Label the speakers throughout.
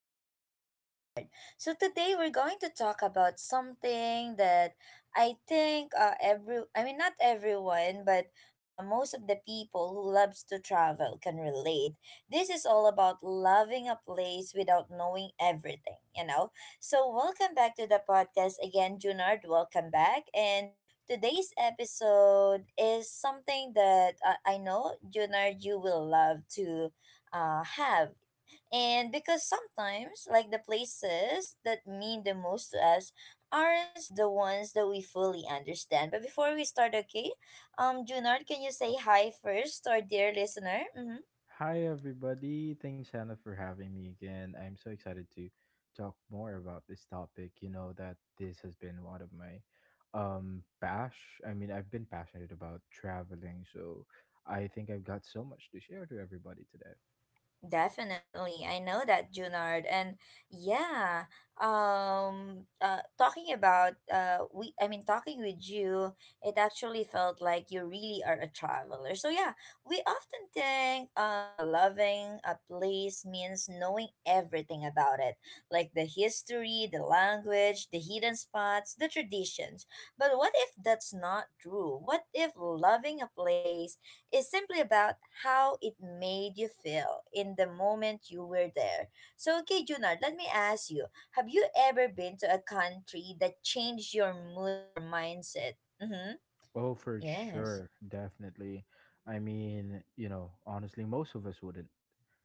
Speaker 1: podcast with Junard. So, today we're going to talk about something that I think every, I mean, not everyone, but most of the people who loves to travel can relate. This is all about loving a place without knowing everything, you know? So, welcome back to the podcast again, Junard. Welcome back. And today's episode is something that I know, Junard, you will love to have. And because sometimes, like the places that mean the most to us aren't the ones that we fully understand. But before we start, okay, Junard, can you say hi first to our dear listener? Mm-hmm.
Speaker 2: Hi, everybody. Thanks, Hannah, for having me again. I'm so excited to talk more about this topic. You know that this has been one of my bash. I mean, I've been passionate about traveling, so I think I've got so much to share to everybody today.
Speaker 1: Definitely. I know that, Junard. And yeah, talking about we I mean talking with you, it actually felt like you really are a traveler. So yeah, we often think loving a place means knowing everything about it, like the history, the language, the hidden spots, the traditions. But what if that's not true? What if loving a place is simply about how it made you feel in the moment you were there. So, okay, Junard, let me ask you, have you ever been to a country that changed your mood or mindset? Mm-hmm.
Speaker 2: Oh, for
Speaker 1: Yes.
Speaker 2: sure, definitely. I mean, you know, honestly, most of us wouldn't,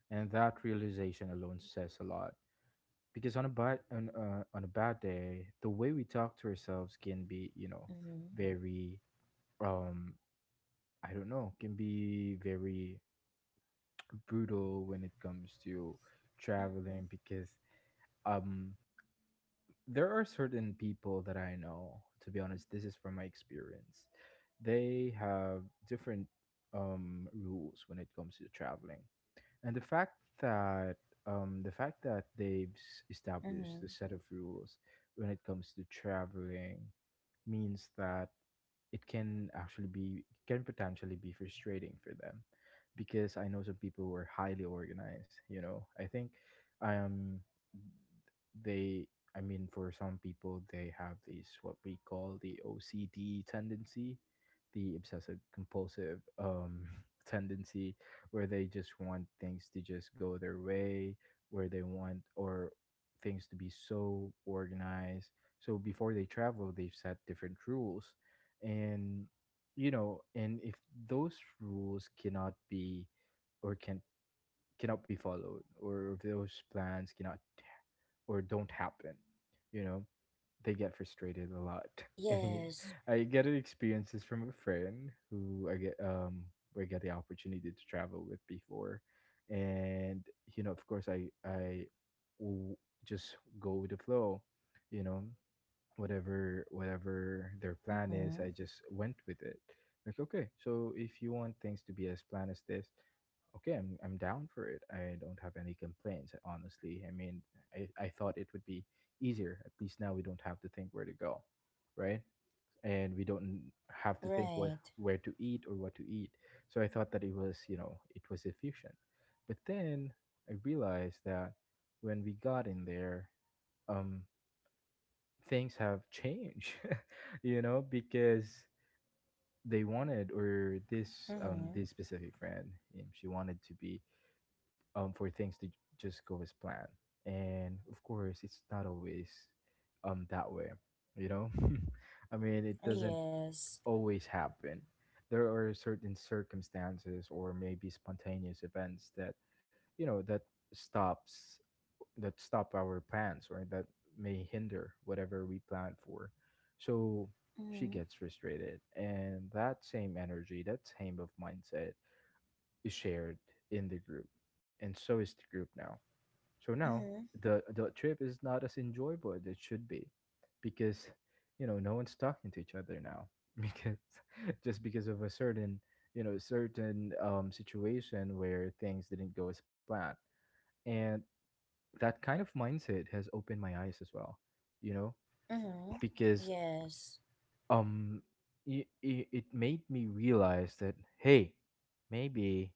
Speaker 2: and that realization alone says a lot. Because on a bad day, the way we talk to ourselves can be, you know,
Speaker 1: Mm-hmm.
Speaker 2: very, um I don't know, can be very brutal when it comes to
Speaker 1: Mm-hmm.
Speaker 2: traveling. Because um there are certain people that I know, to be honest. This is from my experience. They have different rules when it comes to traveling. And the fact that they've established
Speaker 1: Mm-hmm.
Speaker 2: a set of rules when it comes to traveling means that it can actually be can potentially be frustrating for them, because I know some people who are highly organized, you know. I think um they I mean, for some people, they have these what we call the OCD tendency, the obsessive compulsive tendency, where they just want things to just go their way, where they want or things to be so organized. So before they travel, they've set different rules, and you know, and if those rules can cannot be followed, or if those plans cannot or don't happen, you know, they get frustrated a lot. and he,
Speaker 1: Yes.
Speaker 2: I get experiences from a friend who I get the opportunity to travel with before. And you know, of course, I will just go with the flow, you know. Whatever their plan is,
Speaker 1: Mm-hmm.
Speaker 2: I just went with it. Like, okay, so if you want things to be as planned as this, I'm down for it. I don't have any complaints, honestly. I mean, I thought it would be easier. At least now we don't have to think where to go, right? And we don't have to think what
Speaker 1: Right.
Speaker 2: where to eat or what to eat. So I thought that it was, you know, it was efficient. But then I realized that when we got in there, um things have changed. You know, because they wanted or this
Speaker 1: Mm-hmm.
Speaker 2: this specific friend, she wanted to be for things to just go as planned. And of course, it's not always that way, you know. I mean, it doesn't
Speaker 1: Yes.
Speaker 2: always happen. There are certain circumstances or maybe spontaneous events that, you know, that stops that stop our plans, or that may hinder whatever we plan for. So she
Speaker 1: Mm-hmm.
Speaker 2: gets frustrated, and that same energy, that same of mindset, is shared in the group. And so is the group now. So now
Speaker 1: Mm-hmm.
Speaker 2: the trip is not as enjoyable as it should be, because, you know, no one's talking to each other now. Because just because of a certain, you know, certain, situation where things didn't go as planned. And that kind of mindset has opened my eyes as well, you know.
Speaker 1: Mm-hmm.
Speaker 2: Because
Speaker 1: Yes.
Speaker 2: um it made me realize that, hey, maybe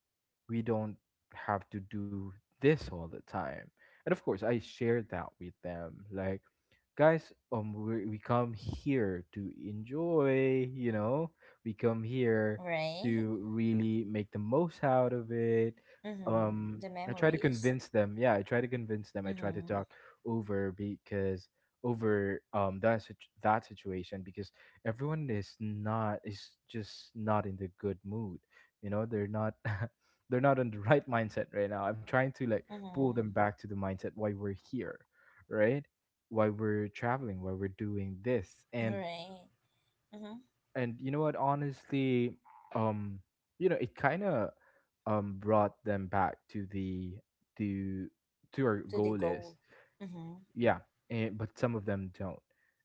Speaker 2: we don't have to do this all the time. And of course, I shared that with them, like, guys, we come here to enjoy, you know. We come here
Speaker 1: Right.
Speaker 2: to really make the most out of it.
Speaker 1: Mm-hmm. The
Speaker 2: I try to
Speaker 1: memories.
Speaker 2: convince them, yeah, I try to convince them, I try to
Speaker 1: Mm-hmm.
Speaker 2: talk over, because over um that sit- that situation, because everyone is not is just not in the good mood, you know. They're not they're not in the right mindset right now. I'm trying to like pull
Speaker 1: Mm-hmm.
Speaker 2: them back to the mindset why we're here, right? Why we're traveling, why we're doing this. and
Speaker 1: Right. Mm-hmm.
Speaker 2: and you know what, honestly, um you know, it kind of brought them back to the to to our
Speaker 1: To the
Speaker 2: goal is,
Speaker 1: goal. Mm-hmm.
Speaker 2: yeah. And, but some of them don't,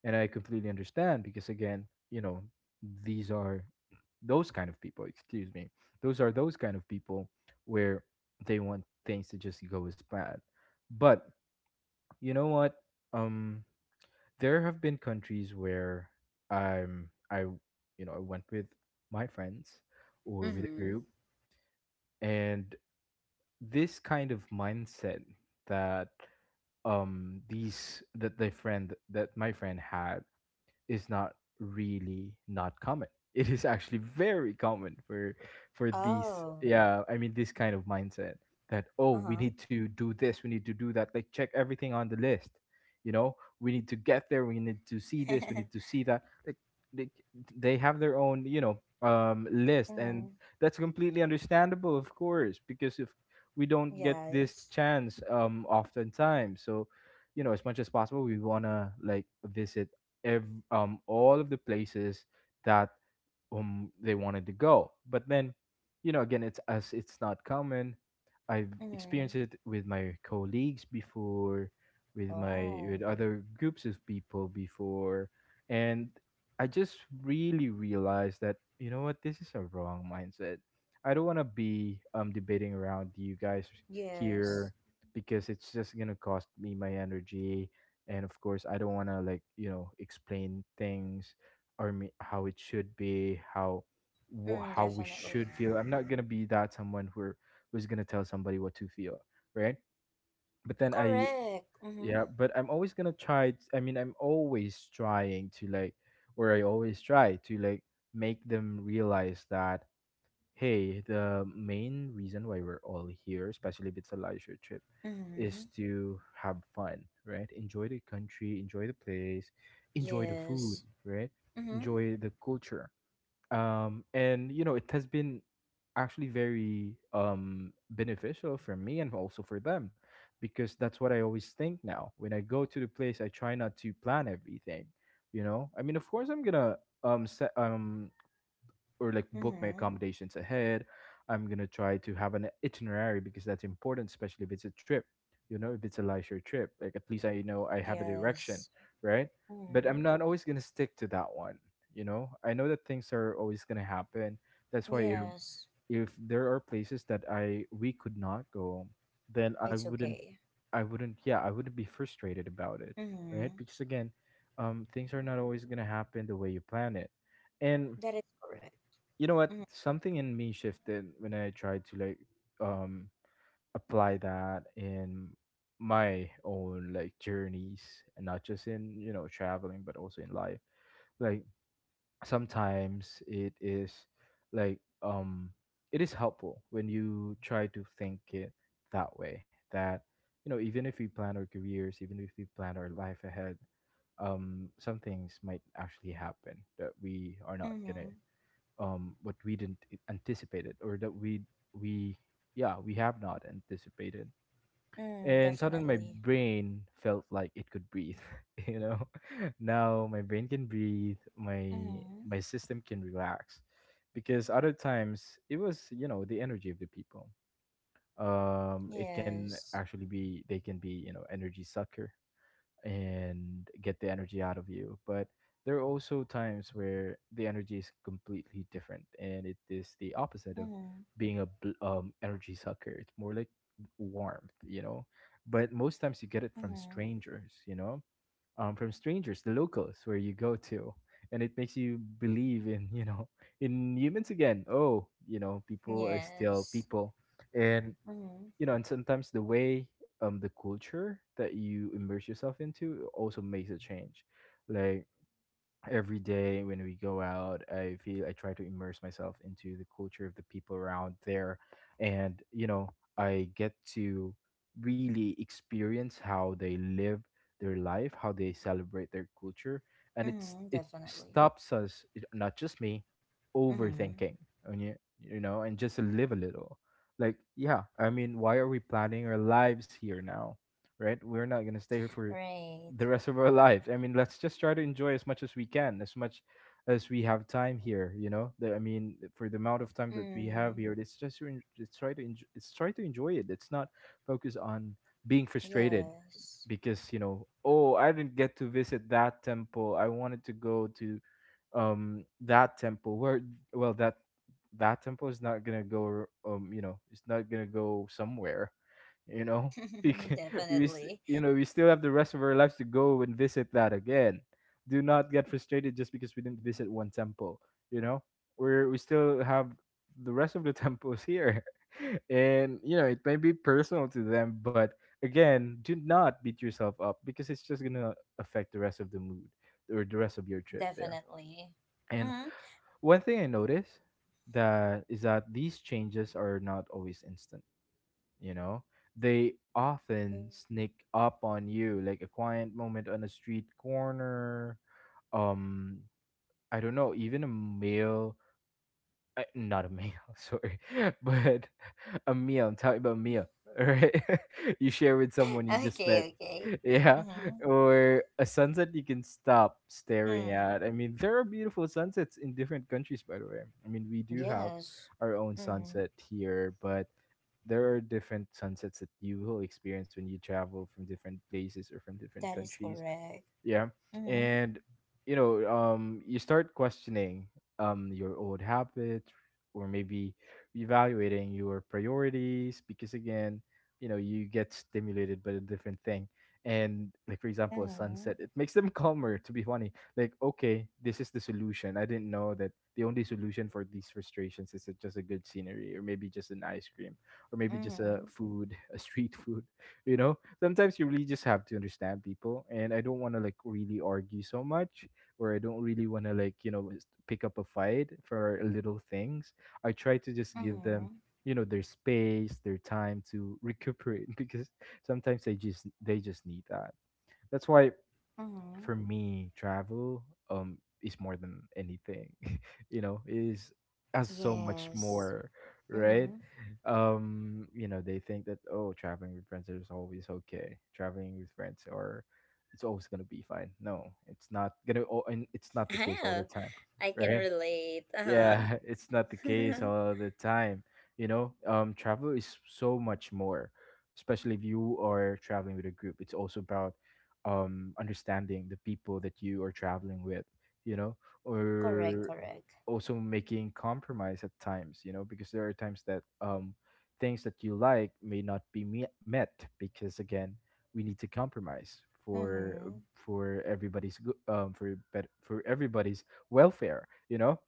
Speaker 2: and I completely understand, because again, you know, these are those kind of people excuse me, those are those kind of people where they want things to just go as planned. But you know what, um there have been countries where I'm I you know, I went with my friends or with a
Speaker 1: Mm-hmm.
Speaker 2: group. And this kind of mindset that, these that the friend that my friend had, is not really not common. It is actually very common for these,
Speaker 1: Oh.
Speaker 2: yeah, I mean, this kind of mindset that, oh, we
Speaker 1: Uh-huh.
Speaker 2: need to do this, we need to do that, like check everything on the list. You know, we need to get there, we need to see this, we need to see that. Like they, they have their own, you know, list.
Speaker 1: Mm-hmm.
Speaker 2: And that's completely understandable, of course, because if we don't get this
Speaker 1: Yes.
Speaker 2: chance, oftentimes, so you know, as much as possible, we want to like visit all of the places that they wanted to go. But then, you know, again, it's not common. I've
Speaker 1: Mm-hmm.
Speaker 2: experienced it with my colleagues before, with my
Speaker 1: Oh.
Speaker 2: with other groups of people before. And I just really realized that, you know what, this is a wrong mindset. I don't want to be debating around you guys
Speaker 1: Yes.
Speaker 2: here, because it's just gonna cost me my energy. And of course, I don't want to like, you know, explain things or me, how it should be, how
Speaker 1: Mm,
Speaker 2: how we
Speaker 1: definitely.
Speaker 2: should feel. I'm not gonna be that someone who who's gonna tell somebody what to feel, right? But then I
Speaker 1: Correct. Mm-hmm.
Speaker 2: yeah, but I'm always gonna try. I mean, I'm always trying to like, or I always try to like make them realize that, hey, the main reason why we're all here, especially if it's a leisure trip,
Speaker 1: Mm-hmm.
Speaker 2: is to have fun, right? Enjoy the country, enjoy the place, enjoy the food,
Speaker 1: Yes.
Speaker 2: right?
Speaker 1: Mm-hmm.
Speaker 2: Enjoy the culture. And you know, it has been actually very beneficial for me and also for them, because that's what I always think now. When I go to the place, I try not to plan everything. You know, I mean, of course, I'm gonna set or like book my
Speaker 1: Mm-hmm.
Speaker 2: accommodations ahead. I'm gonna try to have an itinerary, because that's important, especially if it's a trip. You know, if it's a leisure trip, like at least I know I have a direction,
Speaker 1: Yes.
Speaker 2: right? But
Speaker 1: Mm-hmm.
Speaker 2: I'm not always gonna stick to that one. You know, I know that things are always gonna happen. That's why if
Speaker 1: Yes.
Speaker 2: there are places that I we could not go, then I
Speaker 1: It's
Speaker 2: wouldn't
Speaker 1: okay.
Speaker 2: I wouldn't yeah, I wouldn't be frustrated about it,
Speaker 1: Mm-hmm.
Speaker 2: right? Because again, things are not always going to happen the way you plan it. And
Speaker 1: That is correct.
Speaker 2: you know what,
Speaker 1: Mm-hmm.
Speaker 2: something in me shifted when I tried to like um apply that in my own like journeys, and not just in, you know, traveling, but also in life. Like sometimes it is like um it is helpful when you try to think it that way, that you know, even if we plan our careers, even if we plan our life ahead, some things might actually happen that we are not
Speaker 1: Mm-hmm.
Speaker 2: gonna what we didn't anticipate it, or that we yeah, we have not anticipated.
Speaker 1: Mm,
Speaker 2: And suddenly my
Speaker 1: definitely.
Speaker 2: brain felt like it could breathe. You know, now my brain can breathe, my
Speaker 1: Mm-hmm.
Speaker 2: my system can relax. Because other times, it was, you know, the energy of the people, it can
Speaker 1: Yes.
Speaker 2: actually be, they can be, you know, energy sucker, and get the energy out of you. But there are also times where the energy is completely different, and it is the opposite of
Speaker 1: Mm-hmm.
Speaker 2: being a energy sucker. It's more like warmth, you know. But most times you get it from
Speaker 1: Mm-hmm.
Speaker 2: strangers, you know, from strangers, the locals where you go to. And it makes you believe in, you know, in humans again. Oh, you know, people are still
Speaker 1: Yes.
Speaker 2: people. And
Speaker 1: Mm-hmm.
Speaker 2: you know, and sometimes the way the culture that you immerse yourself into also makes a change. Like every day when we go out, I feel, I try to immerse myself into the culture of the people around there. And you know, I get to really experience how they live their life, how they celebrate their culture. And it's
Speaker 1: Mm-hmm.
Speaker 2: it
Speaker 1: Definitely.
Speaker 2: stops us, not just me,
Speaker 1: Mm-hmm.
Speaker 2: overthinking. And you know, and just live a little, like, yeah, I mean, why are we planning our lives here now? Right? We're not going to stay here for
Speaker 1: Right.
Speaker 2: the rest of our lives. I mean, let's just try to enjoy as much as we can, as much as we have time here. You know, for the amount of time that we have
Speaker 1: Mm.
Speaker 2: here, let's just let's try to enjoy, let's try to enjoy it. Let's not focus on being frustrated
Speaker 1: Yes.
Speaker 2: because you know, oh, I didn't get to visit that temple. I wanted to go to that temple where well that that temple is not gonna go, you know, it's not gonna go somewhere, you know. We can,
Speaker 1: Definitely.
Speaker 2: you know, we still have the rest of our lives to go and visit that again. Do not get frustrated just because we didn't visit one temple, you know. We're we still have the rest of the temples here. And you know, it may be personal to them, but again, do not beat yourself up because it's just gonna affect the rest of the mood or the rest of your trip there.
Speaker 1: Definitely.
Speaker 2: And
Speaker 1: Mm-hmm.
Speaker 2: one thing I noticed that is that these changes are not always instant, you know? They often sneak
Speaker 1: Yes.
Speaker 2: up on you like a quiet moment on a street corner, um I don't know, even a meal. Not a meal, sorry, but a meal. I'm talking about
Speaker 1: Mm-hmm.
Speaker 2: meal, right? You share with someone you just met,
Speaker 1: Okay, okay.
Speaker 2: yeah,
Speaker 1: Mm-hmm.
Speaker 2: or a sunset you can stop staring
Speaker 1: Mm.
Speaker 2: at. I mean, there are beautiful sunsets in different countries, by the way. I mean, we do have
Speaker 1: Yes.
Speaker 2: our own
Speaker 1: Mm.
Speaker 2: sunset here, but there are different sunsets that you will experience when you travel from different places or from different
Speaker 1: That is
Speaker 2: countries.
Speaker 1: correct.
Speaker 2: Yeah.
Speaker 1: Mm-hmm.
Speaker 2: And you know, you start questioning your old habits, or maybe evaluating your priorities, because again, you know, you get stimulated by a different thing. And like for example a
Speaker 1: Mm-hmm.
Speaker 2: sunset, it makes them calmer, to be funny. Like, okay, this is the solution. I didn't know that the only solution for these frustrations is just a good scenery, or maybe just an ice cream, or maybe just a
Speaker 1: Mm-hmm.
Speaker 2: food, a street food. You know, sometimes you really just have to understand people, and I don't want to like really argue so much, or I don't really want to like, you know, pick up a fight for little things. I try to just give them,
Speaker 1: Mm-hmm.
Speaker 2: you know, their space, their time to recuperate, because sometimes they just need that. That's why
Speaker 1: Mm-hmm.
Speaker 2: for me, travel um is more than anything. You know, is has so much
Speaker 1: Yes.
Speaker 2: more, right?
Speaker 1: Mm-hmm.
Speaker 2: You know, they think that oh, traveling with friends is always okay. Traveling with friends, or it's always gonna be fine. No, it's not gonna. And it's not the case all the time,
Speaker 1: I can
Speaker 2: right?
Speaker 1: relate. Uh-huh.
Speaker 2: Yeah. It's not the case all the time, you know. Travel is so much more. Especially if you are traveling with a group, it's also about understanding the people that you are traveling with, you know.
Speaker 1: Correct,
Speaker 2: Or
Speaker 1: correct.
Speaker 2: also making compromise at times, you know, because there are times that things that you like may not be met, because again, we need to compromise
Speaker 1: Mm-hmm.
Speaker 2: for everybody's good, for for everybody's welfare, you know.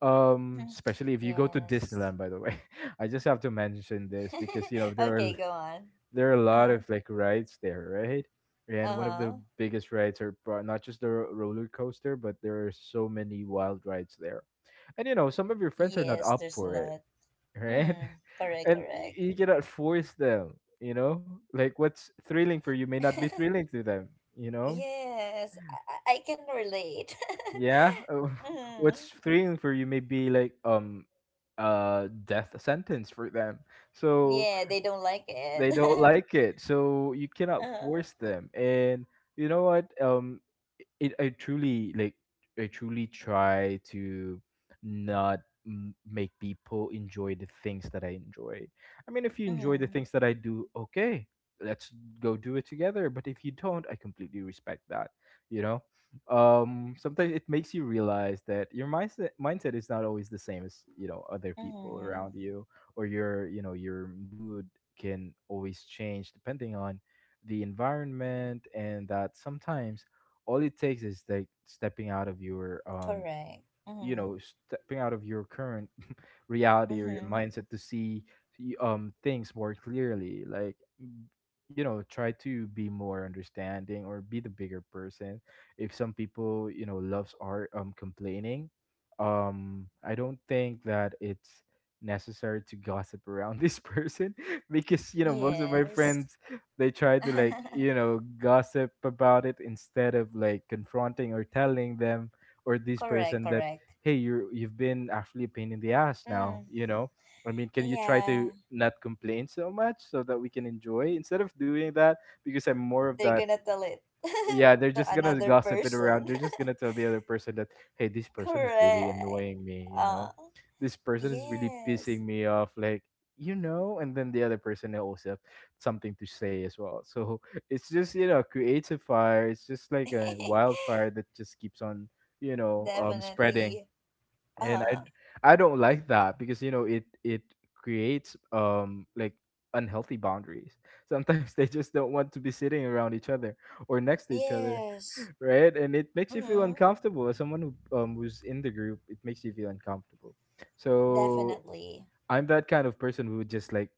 Speaker 2: Especially if you go to
Speaker 1: Yes.
Speaker 2: Disneyland, by the way. I just have to mention this, because you know,
Speaker 1: Okay, go on.
Speaker 2: there are a lot
Speaker 1: Uh-huh.
Speaker 2: of like rides there, right? And one of the
Speaker 1: Uh-huh.
Speaker 2: biggest rides are not just the roller coaster, but there are so many wild rides there. And you know, some of your friends are not
Speaker 1: Yes,
Speaker 2: up
Speaker 1: there's a
Speaker 2: for it,
Speaker 1: lot.
Speaker 2: right?
Speaker 1: Mm, correct,
Speaker 2: And
Speaker 1: correct.
Speaker 2: you cannot force them, you know? Like what's thrilling for you may not be thrilling to them, you know?
Speaker 1: Yes, I can relate.
Speaker 2: Yeah. What's
Speaker 1: Hmm.
Speaker 2: thrilling for you may be like a death sentence for them. So
Speaker 1: Yeah, they don't like
Speaker 2: they don't
Speaker 1: it.
Speaker 2: like it, so you cannot
Speaker 1: Uh-huh.
Speaker 2: force them. And you know what, it, I truly like, I truly try to not make people enjoy the things that I enjoy. I mean, if you enjoy the
Speaker 1: Mm,
Speaker 2: things that I do, okay, let's go do it together. But if you don't, I completely respect that, you know. Sometimes it makes you realize that your mindset is not always the same as, you know, other people
Speaker 1: mm,
Speaker 2: around you. Or your, you know, your mood can always change depending on the environment. And that sometimes all it takes is like stepping out of your,
Speaker 1: correct.
Speaker 2: you
Speaker 1: Mm,
Speaker 2: know, stepping out of your current reality or your
Speaker 1: mm-hmm.
Speaker 2: mindset to see things more clearly. Like you know, try to be more understanding, or be the bigger person. If some people, you know, loves are complaining, I don't think that it's necessary to gossip around this person. Because you know, most of my
Speaker 1: Yes.
Speaker 2: friends, they try to like, you know, gossip about it instead of like confronting or telling them, or this
Speaker 1: Correct,
Speaker 2: person, that
Speaker 1: correct.
Speaker 2: hey, you've been actually a pain in the ass now,
Speaker 1: Mm,
Speaker 2: you know. I mean, can you try
Speaker 1: yeah.
Speaker 2: to not complain so much so that we can enjoy, instead of doing that? Because I'm more of
Speaker 1: They're
Speaker 2: that.
Speaker 1: gonna tell it
Speaker 2: Yeah, they're
Speaker 1: to
Speaker 2: just gonna
Speaker 1: another
Speaker 2: gossip it
Speaker 1: person.
Speaker 2: around, they're just gonna tell the other person that hey, this person is really
Speaker 1: Correct.
Speaker 2: annoying me, you
Speaker 1: Uh,
Speaker 2: know. This person is really pissing
Speaker 1: yes.
Speaker 2: me off, like, you know. And then the other person will also have something to say as well, so it's just, you know, creates a fire. It's just like a wildfire that just keeps on, you know, spreading.
Speaker 1: Definitely.
Speaker 2: And
Speaker 1: Uh,
Speaker 2: I don't like that, because you know, it creates, like unhealthy boundaries. Sometimes they just don't want to be sitting around each other or next to each other,
Speaker 1: yes.
Speaker 2: right? And it makes you feel
Speaker 1: Mm-hmm.
Speaker 2: uncomfortable as someone who, who's in the group. It makes you feel uncomfortable. So
Speaker 1: Definitely.
Speaker 2: I'm that kind of person who would just like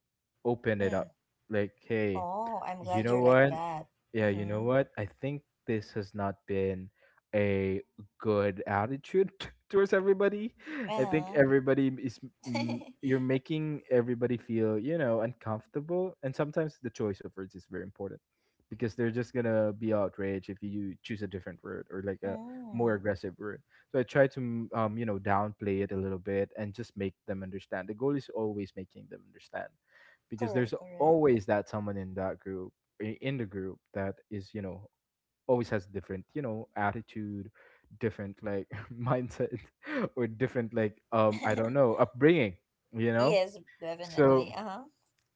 Speaker 2: open it up.
Speaker 1: Mm.
Speaker 2: Like, hey,
Speaker 1: Oh, I'm
Speaker 2: you
Speaker 1: glad
Speaker 2: know
Speaker 1: you're like
Speaker 2: what?
Speaker 1: that.
Speaker 2: Yeah, you know
Speaker 1: Mm-hmm.
Speaker 2: what? I think this has not been a good attitude towards everybody. I think
Speaker 1: Uh-huh.
Speaker 2: everybody is, you're making everybody feel, you know, uncomfortable. And sometimes the choice of words is very important, because they're just going to be outraged if you choose a different word, or like a more
Speaker 1: Mm.
Speaker 2: aggressive word. So I try to you know, downplay it a little bit and just make them understand. The goal is always making them understand, because there's
Speaker 1: Correct, correct.
Speaker 2: always that someone in that group, in the group, that is, you know, always has different, you know, attitude, different like mindset, or different like, I don't know, upbringing, you know.
Speaker 1: Yes,
Speaker 2: So
Speaker 1: definitely. Uh-huh.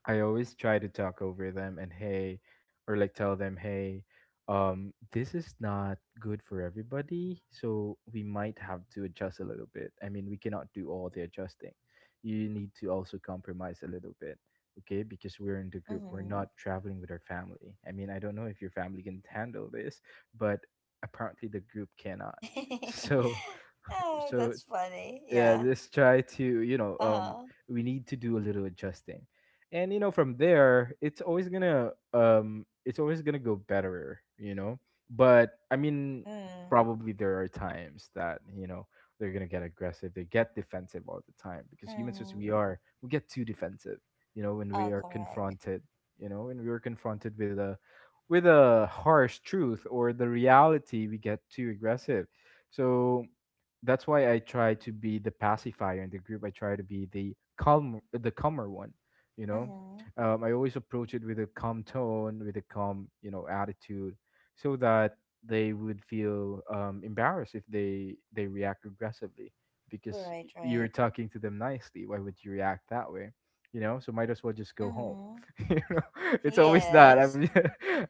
Speaker 2: I always try to talk over them and hey, or like tell them, hey, this is not good for everybody, so we might have to adjust a little bit. I mean, we cannot do all the adjusting. You need to also compromise a little bit, okay? Because we're in the group, we're not traveling with our family. I mean, I don't know if your family can handle this, but apparently the group cannot.
Speaker 1: Mm-hmm.
Speaker 2: So,
Speaker 1: Oh,
Speaker 2: so
Speaker 1: that's funny.
Speaker 2: yeah,
Speaker 1: Yeah.
Speaker 2: let's try to, you know,
Speaker 1: Uh-huh.
Speaker 2: we need to do a little adjusting. And you know, from there it's always gonna, it's always gonna go better, you know. But I mean,
Speaker 1: Mm.
Speaker 2: probably there are times that you know, they're gonna get aggressive. They get defensive all the time, because humans as we
Speaker 1: Mm.
Speaker 2: are, we get too defensive, you know, when we
Speaker 1: Oh,
Speaker 2: are
Speaker 1: correct.
Speaker 2: confronted, you know, when we are confronted with a, with a harsh truth or the reality, we get too aggressive. So that's why I try to be the pacifier in the group. I try to be the calm, the calmer one. You know,
Speaker 1: Mm-hmm.
Speaker 2: I always approach it with a calm tone, with a calm, you know, attitude, so that they would feel, embarrassed if they react aggressively, because
Speaker 1: Right,
Speaker 2: you're
Speaker 1: right.
Speaker 2: talking to them nicely. Why would you react that way? You know, so might as well just go home.
Speaker 1: Mm-hmm.
Speaker 2: You know, it's always that.
Speaker 1: Yes.
Speaker 2: I'm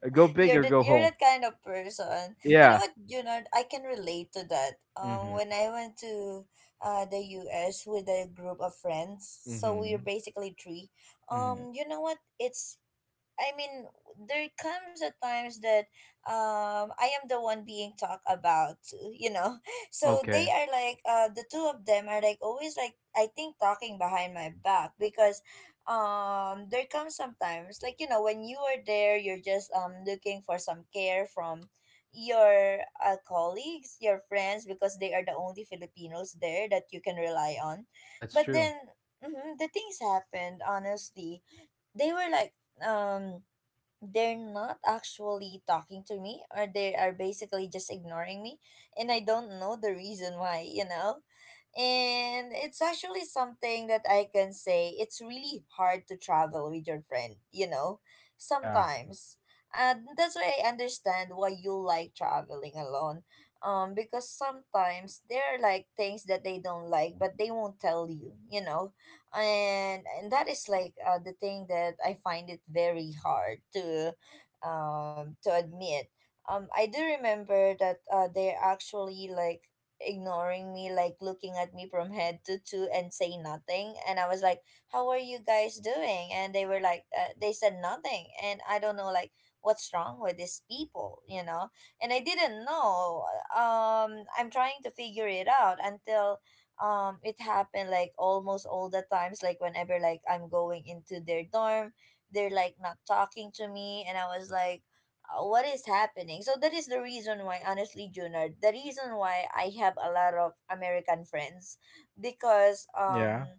Speaker 2: go big
Speaker 1: You're
Speaker 2: or go
Speaker 1: that you're
Speaker 2: home.
Speaker 1: that kind of person. You know
Speaker 2: Yeah.
Speaker 1: what, Junard? I can relate to that.
Speaker 2: Mm-hmm.
Speaker 1: When I went to the US with a group of friends, so we
Speaker 2: Mm-hmm.
Speaker 1: are basically three.
Speaker 2: Mm-hmm.
Speaker 1: You know what? I mean, there comes a times that I am the one being talked about, you know. So they
Speaker 2: Okay,
Speaker 1: are like the two of them are like always like I think talking behind my back because there comes sometimes like you know when you are there you're just looking for some care from your colleagues, your friends because they are the only Filipinos there that you can rely on.
Speaker 2: that's
Speaker 1: But
Speaker 2: true.
Speaker 1: then mhm, the things happened honestly. They were like um they're not actually talking to me or they are basically just ignoring me and I don't know the reason why, you know? And it's actually something that I can say it's really hard to travel with your friend, you know,
Speaker 2: Yeah.
Speaker 1: sometimes. And that's why I understand why you like traveling alone. Because sometimes there are like things that they don't like, but they won't tell you, you know, and that is like the thing that I find it very hard to admit. I do remember that they're actually like ignoring me, like looking at me from head to toe and say nothing. And I was like, "How are you guys doing?" And they were like, "They said nothing," and I don't know like what's wrong with these people, you know. And I didn't know. I'm trying to figure it out until it happened like almost all the times like whenever like I'm going into their dorm, they're like not talking to me and I was like, what is happening?" So that is the reason why honestly, Junard, the reason why I have a lot of American friends because
Speaker 2: Yeah.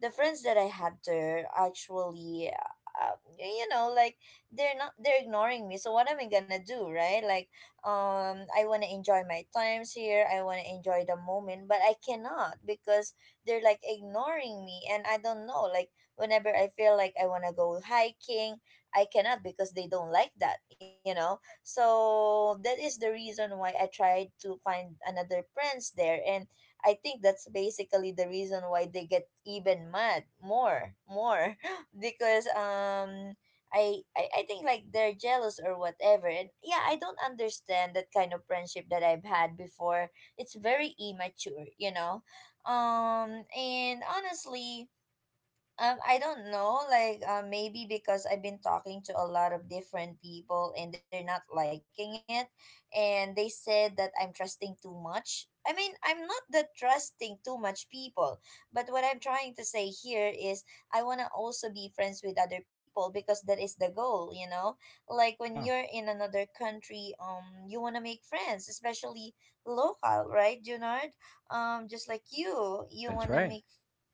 Speaker 1: the friends that I had there actually you know like they're not they're ignoring me, so what am I gonna do, right? Like I want to enjoy my times here, I want to enjoy the moment, but I cannot because they're like ignoring me and I don't know like whenever I feel like I want to go hiking I cannot because they don't like that you know. So that is the reason why I tried to find another friends there and I think that's basically the reason why they get even mad more because I think like they're jealous or whatever. And yeah, I don't understand that kind of friendship that I've had before. It's very immature, you know. Um, and honestly, I don't know. Like, maybe because I've been talking to a lot of different people and they're not liking it, and they said that I'm trusting too much. I mean, I'm not the trusting too much people, but what I'm trying to say here is I want to also be friends with other people because that is the goal, you know? Like when
Speaker 2: Yeah.
Speaker 1: you're in another country, you want to make friends, especially local, right, Junard? Just like you
Speaker 2: That's
Speaker 1: want to
Speaker 2: right.
Speaker 1: make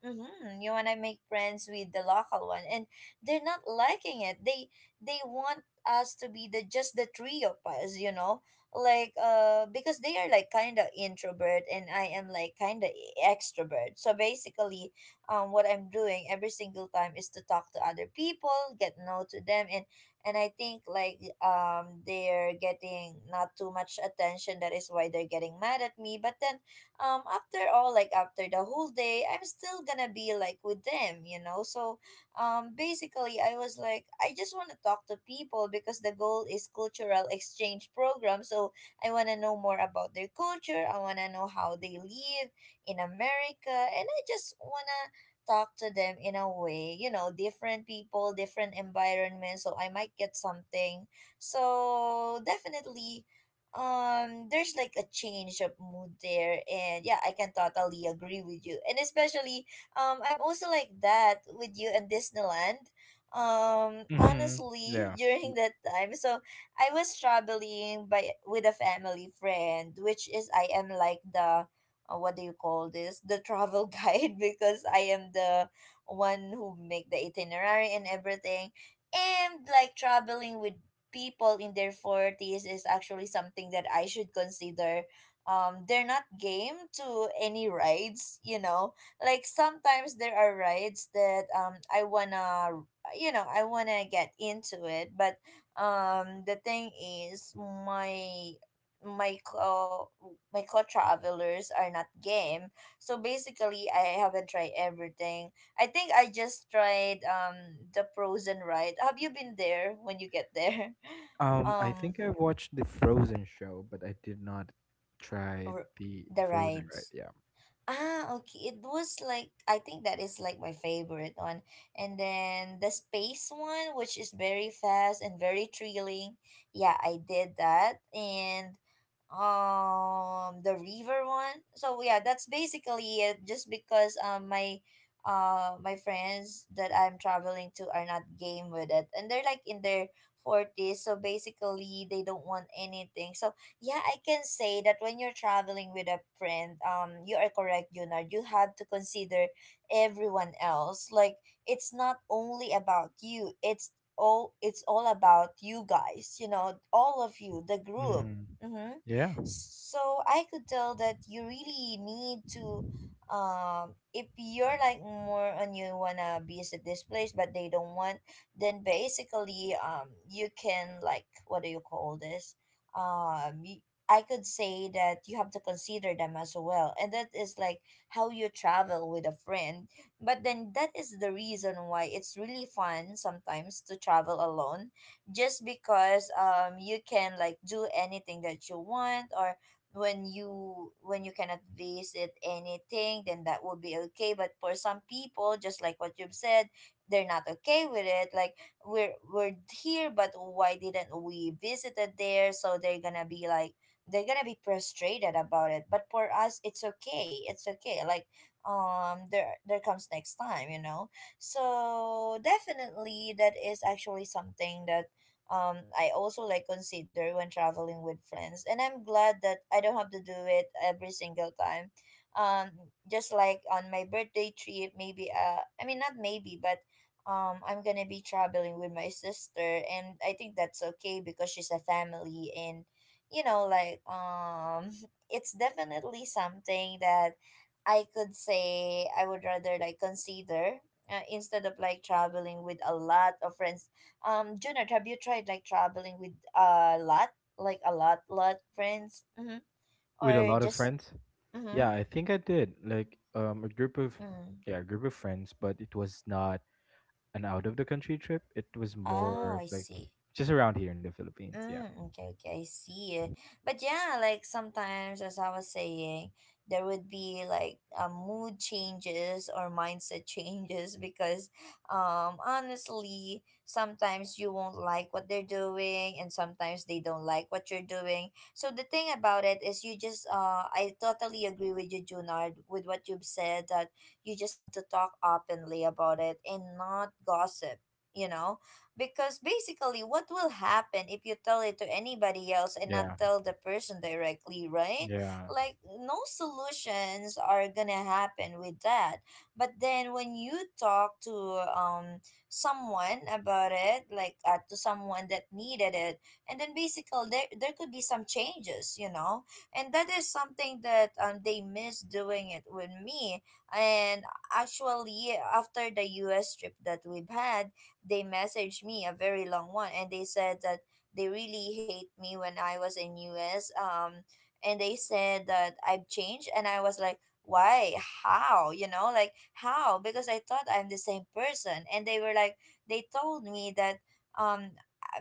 Speaker 1: Mm-hmm. You wanna make friends with the local one, and they're not liking it. They want us to be the just the three of us, you know, like because they are like kind of introvert and I am like kind of extrovert. So basically, what I'm doing every single time is to talk to other people, get know to them, and I think like they're getting not too much attention. That is why they're getting mad at me. But then after all like after the whole day I'm still gonna be like with them you know. So basically I was like I just want to talk to people because the goal is cultural exchange program, so I want to know more about their culture, I want to know how they live in America, and I just want to talk to them in a way, you know, different people, different environments, so I might get something. So definitely there's like a change of mood there, and yeah, I can totally agree with you. And especially I'm also like that with you in Disneyland, um,
Speaker 2: Hmm.
Speaker 1: honestly,
Speaker 2: Yeah.
Speaker 1: during
Speaker 2: Y-
Speaker 1: that time. So I was traveling by with a family friend, which is I am like the what do you call this, the travel guide, because I am the one who make the itinerary and everything. And like traveling with people in their 40s is actually something that I should consider. They're not game to any rides, you know. Like sometimes there are rides that I wanna, you know, I wanna get into it, but the thing is my co my co travelers are not game. So basically I haven't tried everything. I think I just tried the frozen ride. Have you been there when you get there?
Speaker 2: I
Speaker 1: Um
Speaker 2: think I watched the Frozen show, but I did not try
Speaker 1: r-
Speaker 2: the
Speaker 1: the
Speaker 2: Frozen, right?
Speaker 1: rides.
Speaker 2: Yeah.
Speaker 1: Ah, okay. It was like I think that is like my favorite one. And then the space one, which is very fast and very thrilling. Yeah, I did that. And the river one. So yeah, that's basically it just because my friends that I'm traveling to are not game with it. And they're like in their 40s, so basically they don't want anything. So yeah, I can say that when you're traveling with a friend, you are correct, Junard. You have to consider everyone else. Like it's not only about you. It's all about you guys. You know, all of you, the group.
Speaker 2: Hmm.
Speaker 1: Mm-hmm.
Speaker 2: Yeah.
Speaker 1: So I could tell that you really need to if you're like more on you wanna visit this place but they don't want, then basically you can like what do you call this, um y- I could say that you have to consider them as well. And that is like how you travel with a friend. But then that is the reason why it's really fun sometimes to travel alone, just because you can like do anything that you want. Or when you cannot visit anything, then that would be okay. But for some people, just like what you've said, they're not okay with it, like we're here but why didn't we visited there, so they're gonna be like they're gonna be frustrated about it. But for us, it's okay, it's okay, like there comes next time, you know. So definitely, that is actually something that I also like consider when traveling with friends, and I'm glad that I don't have to do it every single time. um just like on my birthday trip maybe, I mean not maybe, but I'm gonna be traveling with my sister, and I think that's okay because she's a family. And you know like it's definitely something that I could say I would rather like consider, instead of like traveling with a lot of friends. Junard, have you tried like traveling with a lot, like a lot friends? Mm-hmm.
Speaker 2: With a
Speaker 1: Or
Speaker 2: lot of
Speaker 1: just
Speaker 2: friends.
Speaker 1: mm-hmm.
Speaker 2: Yeah, I think I did. Like a group of,
Speaker 1: mm.
Speaker 2: yeah, a group of friends, but it was not an out of the country trip. It was more
Speaker 1: Oh,
Speaker 2: of
Speaker 1: I
Speaker 2: like
Speaker 1: see.
Speaker 2: just around here in the Philippines. Yeah.
Speaker 1: Mm, okay, okay, I see. But yeah, like sometimes, as I was saying, there would be like mood changes or mindset changes because, honestly, sometimes you won't like what they're doing, and sometimes they don't like what you're doing. So the thing about it is, you just I totally agree with you, Junard, with what you've said that you just have to talk openly about it and not gossip. You know, because basically, what will happen if you tell it to anybody else and not
Speaker 2: Yeah.
Speaker 1: tell the person directly, right?
Speaker 2: Yeah.
Speaker 1: Like, no solutions are gonna happen with that. But then, when you talk to um someone about it, like to someone that needed it, and then basically there could be some changes, you know, and that is something that they miss doing it with me. And actually, after the U.S. trip that we've had, they messaged me a very long one and they said that they really hate me when I was in US, and they said that I've changed. And I was like why, how, you know like how, because I thought I'm the same person. And they were like, they told me that um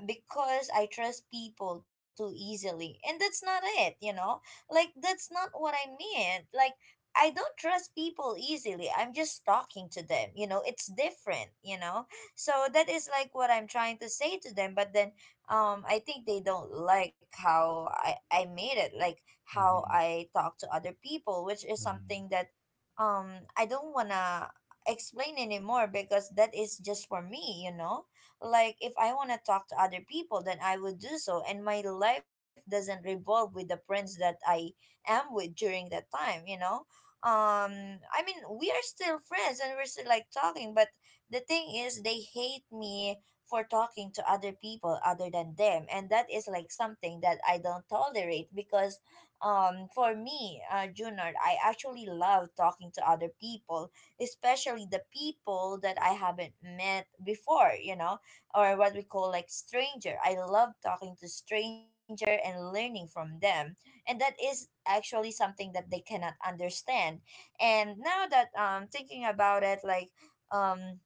Speaker 1: because I trust people too easily, and that's not it, you know, like that's not what I meant, like I don't trust people easily. I'm just talking to them. You know, it's different, you know? So that is like what I'm trying to say to them. But then I think they don't like how I made it, like how
Speaker 2: Hmm.
Speaker 1: I talk to other people, which is
Speaker 2: Hmm.
Speaker 1: something that um I don't wanna explain anymore, because that is just for me, you know. Like if I want to talk to other people, then I would do so, and my life doesn't revolve with the friends that I am with during that time, you know. I mean, we are still friends and we're still like talking, but the thing is, they hate me for talking to other people other than them, and that is like something that I don't tolerate because, for me, Junard, I actually love talking to other people, especially the people that I haven't met before. You know, or what we call like stranger. I love talking to stranger and learning from them. And that is actually something that they cannot understand. And now that thinking about it, like um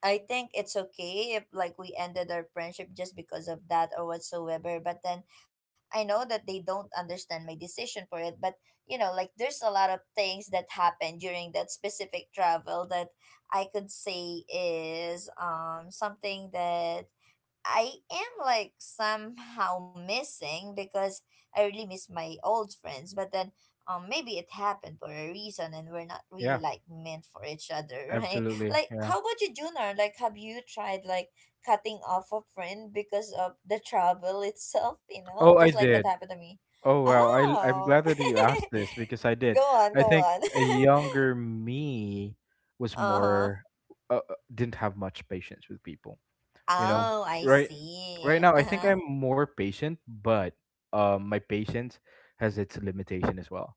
Speaker 1: I think it's okay if like we ended our friendship just because of that or whatsoever. But then I know that they don't understand my decision for it. But you know, like there's a lot of things that happened during that specific travel that I could say is something that I am like somehow missing because I really miss my old friends. But then maybe it happened for a reason and we're not really
Speaker 2: Yeah,
Speaker 1: like meant for each other, right?
Speaker 2: absolutely.
Speaker 1: Like
Speaker 2: Yeah.
Speaker 1: how about you, Junar? Like have you tried like cutting off a friend because of the trouble itself, you know?
Speaker 2: Oh,
Speaker 1: Just
Speaker 2: I
Speaker 1: like what
Speaker 2: did.
Speaker 1: happened to me.
Speaker 2: Oh wow, I'm
Speaker 1: Oh
Speaker 2: glad that you asked this because I
Speaker 1: go
Speaker 2: did.
Speaker 1: on,
Speaker 2: I
Speaker 1: go
Speaker 2: think
Speaker 1: on.
Speaker 2: a younger me was
Speaker 1: uh-huh.
Speaker 2: more didn't have much patience with people. You know,
Speaker 1: Oh, I
Speaker 2: right right
Speaker 1: see.
Speaker 2: now I think
Speaker 1: Uh-huh.
Speaker 2: I'm more patient, but my patience has its limitation as well.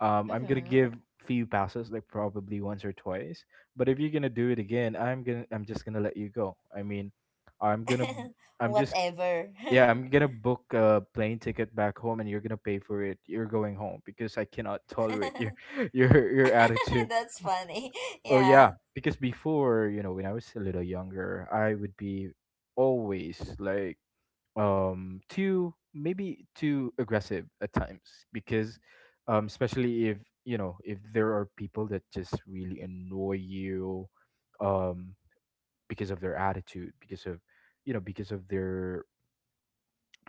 Speaker 2: I'm gonna
Speaker 1: Mm-hmm.
Speaker 2: give few passes, like probably once or twice. But if you're gonna do it again, I'm just gonna let you go. I mean, I'm gonna I'm just
Speaker 1: Whatever.
Speaker 2: yeah, I'm gonna book a plane ticket back home, and you're gonna pay for it. You're going home because I cannot tolerate your your attitude.
Speaker 1: That's funny.
Speaker 2: Oh
Speaker 1: Yeah.
Speaker 2: yeah, because before when I was a little younger, I would be always like too maybe too aggressive at times because especially if if there are people that just really annoy you um because of their attitude, because of because of their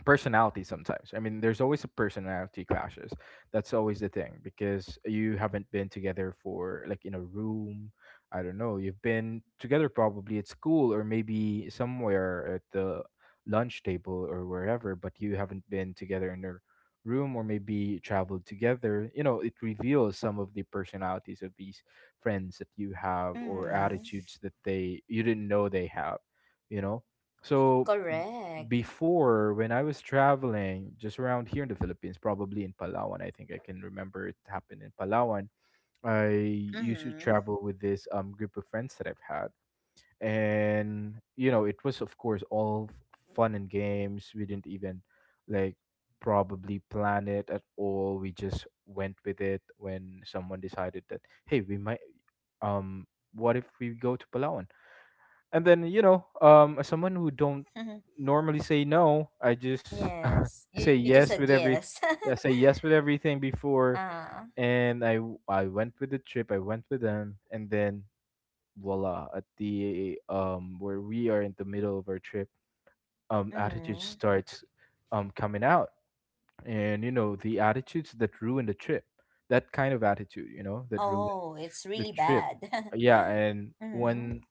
Speaker 2: personality sometimes. I mean, there's always a personality clashes. That's always the thing because you haven't been together for like in a room. I don't know. You've been together probably at school or maybe somewhere at the lunch table or wherever, but you haven't been together in a room or maybe traveled together. You know, it reveals some of the personalities of these friends that you have or
Speaker 1: Mm-hmm.
Speaker 2: attitudes that they you didn't know they have, you know. So
Speaker 1: Correct.
Speaker 2: before when I was traveling just around here in the Philippines, probably in Palawan, I think I can remember it happened in Palawan. I used to
Speaker 1: Mm-hmm.
Speaker 2: travel with this group of friends that I've had, and you know it was of course all fun and games. We didn't even like probably plan it at all. We just went with it when someone decided that hey we might um what if we go to Palawan? And then as someone who don't normally say no, I just
Speaker 1: yes. You
Speaker 2: say
Speaker 1: just said
Speaker 2: yes with
Speaker 1: yes.
Speaker 2: everything. I say yes with everything before,
Speaker 1: uh,
Speaker 2: and I went with the trip, I went with them, and then voila, at the where we are in the middle of our trip, attitude
Speaker 1: mm-hmm.
Speaker 2: starts coming out. And you know, the attitudes that ruin the trip, that kind of attitude, you know, that ruin
Speaker 1: Oh, it's
Speaker 2: the
Speaker 1: really
Speaker 2: trip.
Speaker 1: bad.
Speaker 2: Yeah, and
Speaker 1: mm-hmm.
Speaker 2: when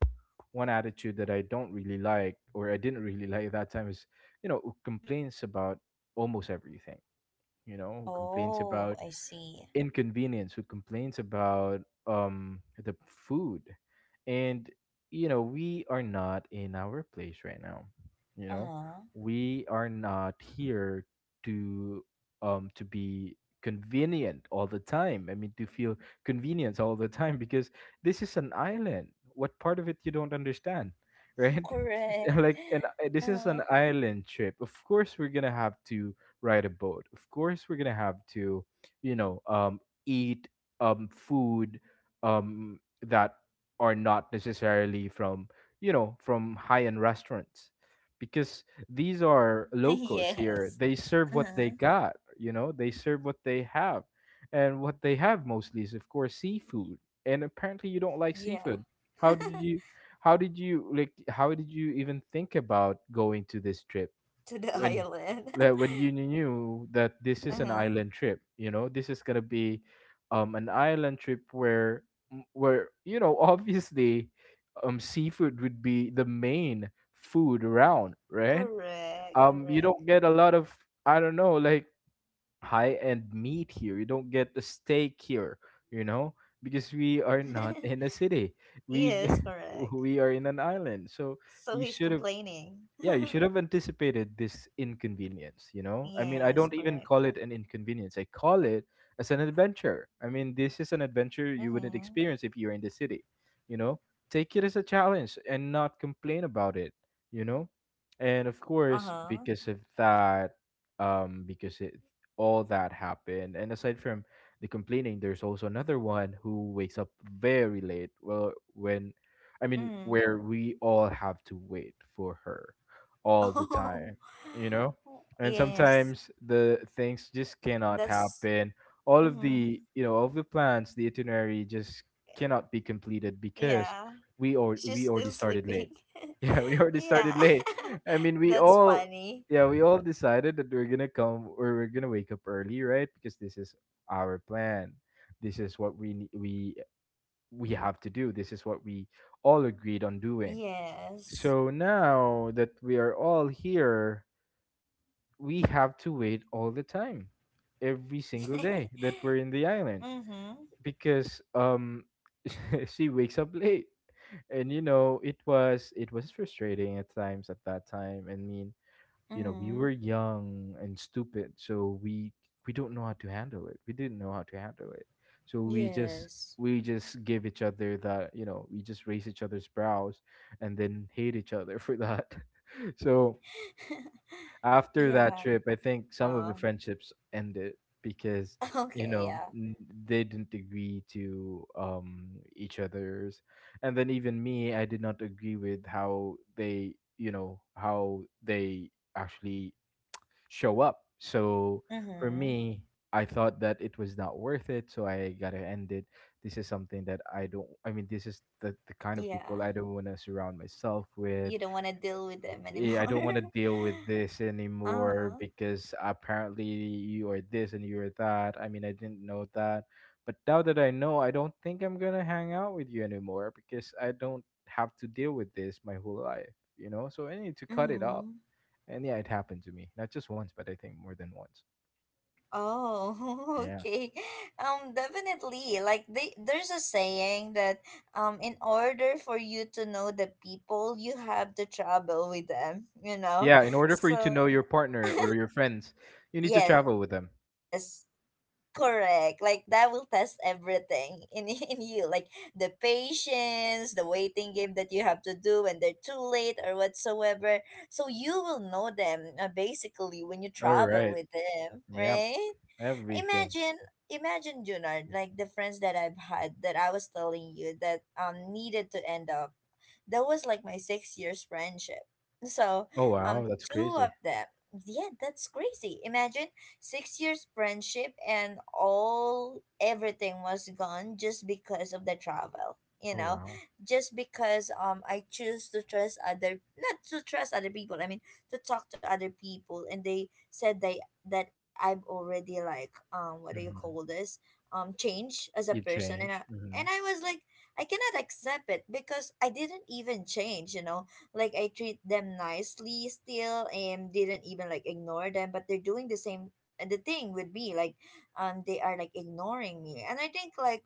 Speaker 2: one attitude that I don't really like or I didn't really like at that time is, you know, who complains about almost everything, you know, who complains about
Speaker 1: Oh, I see.
Speaker 2: inconvenience, who complains about the food. And you know, we are not in our place right now. You know,
Speaker 1: Uh-huh.
Speaker 2: we are not here to to be convenient all the time. I mean, to feel convenience all the time, because this is an island. What part of it you don't understand, right?
Speaker 1: Correct.
Speaker 2: Like, and this is an
Speaker 1: Uh-huh.
Speaker 2: island trip. Of course we're gonna have to ride a boat, of course we're gonna have to like, you know, eat food that are not necessarily from, you know, from high end restaurants, because these are locals here.
Speaker 1: yes.
Speaker 2: They serve what they
Speaker 1: Uh-huh.
Speaker 2: got, you know, they serve what they have. And what they have mostly is of course seafood. And apparently you don't like
Speaker 1: Yeah.
Speaker 2: seafood. How did you how did you even think about going to this trip?
Speaker 1: to the
Speaker 2: When
Speaker 1: island.
Speaker 2: like, when you knew that this is an
Speaker 1: uh-huh.
Speaker 2: island trip, you know, this is gonna be an island trip where where you know obviously seafood would be the main food around, right?
Speaker 1: Correct.
Speaker 2: You
Speaker 1: Correct.
Speaker 2: don't get a lot of, I don't know, like high end meat here. You don't get the steak here, you know, because we are not in a city. We
Speaker 1: yes, correct.
Speaker 2: we are in an island, so
Speaker 1: So
Speaker 2: you
Speaker 1: he's
Speaker 2: should have,
Speaker 1: complaining.
Speaker 2: yeah, you should have anticipated this inconvenience. You know, I mean, I
Speaker 1: yes,
Speaker 2: don't even
Speaker 1: correct.
Speaker 2: call it an inconvenience, I call it as an adventure. I mean, this is an adventure you wouldn't
Speaker 1: Mm-hmm.
Speaker 2: experience if you're in the city. You know, take it as a challenge and not complain about it. You know, and of course
Speaker 1: Uh-huh.
Speaker 2: because of that, because it all that happened. And aside from the complaining, there's also another one who wakes up very late. Well, when I mean,
Speaker 1: Mm-hmm.
Speaker 2: where we all have to wait for her all the time, you know?
Speaker 1: Oh,
Speaker 2: And
Speaker 1: yes.
Speaker 2: sometimes the things just cannot
Speaker 1: That's
Speaker 2: happen. All of
Speaker 1: mm-hmm.
Speaker 2: the, you know, all of the plans, the itinerary just cannot be completed because
Speaker 1: Yeah. She's
Speaker 2: we
Speaker 1: still
Speaker 2: already started late.
Speaker 1: sleeping.
Speaker 2: Yeah, we already
Speaker 1: yeah.
Speaker 2: started late. I mean, we
Speaker 1: That's
Speaker 2: all
Speaker 1: funny.
Speaker 2: yeah, we all decided that we're gonna wake up early, right? Because this is our plan. This is what we ne- we have to do. This is what we all agreed on doing.
Speaker 1: Yes.
Speaker 2: So now that we are all here, we have to wait all the time, every single day that we're in the
Speaker 1: mm-hmm.
Speaker 2: island because she wakes up late. And you know, it was frustrating at times at that time. I mean, you know, we
Speaker 1: Mm-hmm.
Speaker 2: were young and stupid, so we don't know how to handle it. We didn't know how to handle it. So we just,
Speaker 1: Yes.
Speaker 2: we just give each other that, you know, we just raise each other's brows and then hate each other for that. So after that
Speaker 1: Yeah.
Speaker 2: trip, I think some of the
Speaker 1: Oh,
Speaker 2: friendships ended because you
Speaker 1: okay,
Speaker 2: know
Speaker 1: yeah.
Speaker 2: n- they didn't agree to each other's, and then even me, I did not agree with how they, you know, how they actually show up. So for
Speaker 1: Mm-hmm.
Speaker 2: me, I thought that it was not worth it, so I gotta end it. This is something that I don't. I mean, this is the kind of people
Speaker 1: Yeah.
Speaker 2: I don't want to surround myself with.
Speaker 1: You don't want to deal with them
Speaker 2: Yeah, I
Speaker 1: anymore.
Speaker 2: don't want to deal with this anymore
Speaker 1: Uh-huh.
Speaker 2: because apparently you are this and you are that. I mean, I didn't know that. But now that I know, I don't think I'm going to hang out with you anymore because I don't have to deal with this my whole life, you know? So I need to cut it off.
Speaker 1: Mm-hmm.
Speaker 2: And yeah, it happened to me. Not just once, but I think more than once.
Speaker 1: Oh,
Speaker 2: Yeah.
Speaker 1: okay. Definitely. Like they, there's a saying that in order for you to know the people, you have to travel with them. You know,
Speaker 2: Yeah, in order for you to
Speaker 1: so
Speaker 2: know your partner or your friends, you need to travel
Speaker 1: yes,
Speaker 2: with them.
Speaker 1: correct. Like that will test everything in in you, like the patience, the waiting game that you have to do when they're too late or whatsoever. So you will know them, basically when you
Speaker 2: All
Speaker 1: travel
Speaker 2: right.
Speaker 1: with them,
Speaker 2: Yeah,
Speaker 1: right?
Speaker 2: everything.
Speaker 1: imagine imagine Junard, like the friends that I've had that I was telling you that needed to end up. That was like my 6 years friendship. So
Speaker 2: Oh, wow. That's
Speaker 1: two
Speaker 2: crazy.
Speaker 1: of them, yeah, that's crazy. Imagine, 6 years friendship and all everything was gone just because of the travel. You
Speaker 2: Oh,
Speaker 1: know,
Speaker 2: wow.
Speaker 1: just because I choose to trust other, not to trust other people. I mean, to talk to other people, and they said they that I've already like what do you call
Speaker 2: Mhm.
Speaker 1: this, changed as a
Speaker 2: You've
Speaker 1: person. And I,
Speaker 2: changed. Hmm.
Speaker 1: and I was like I cannot accept it because I didn't even change, you know, like I treat them nicely still and didn't even like ignore them. But they're doing the same the thing with me, like they are like ignoring me. And I think like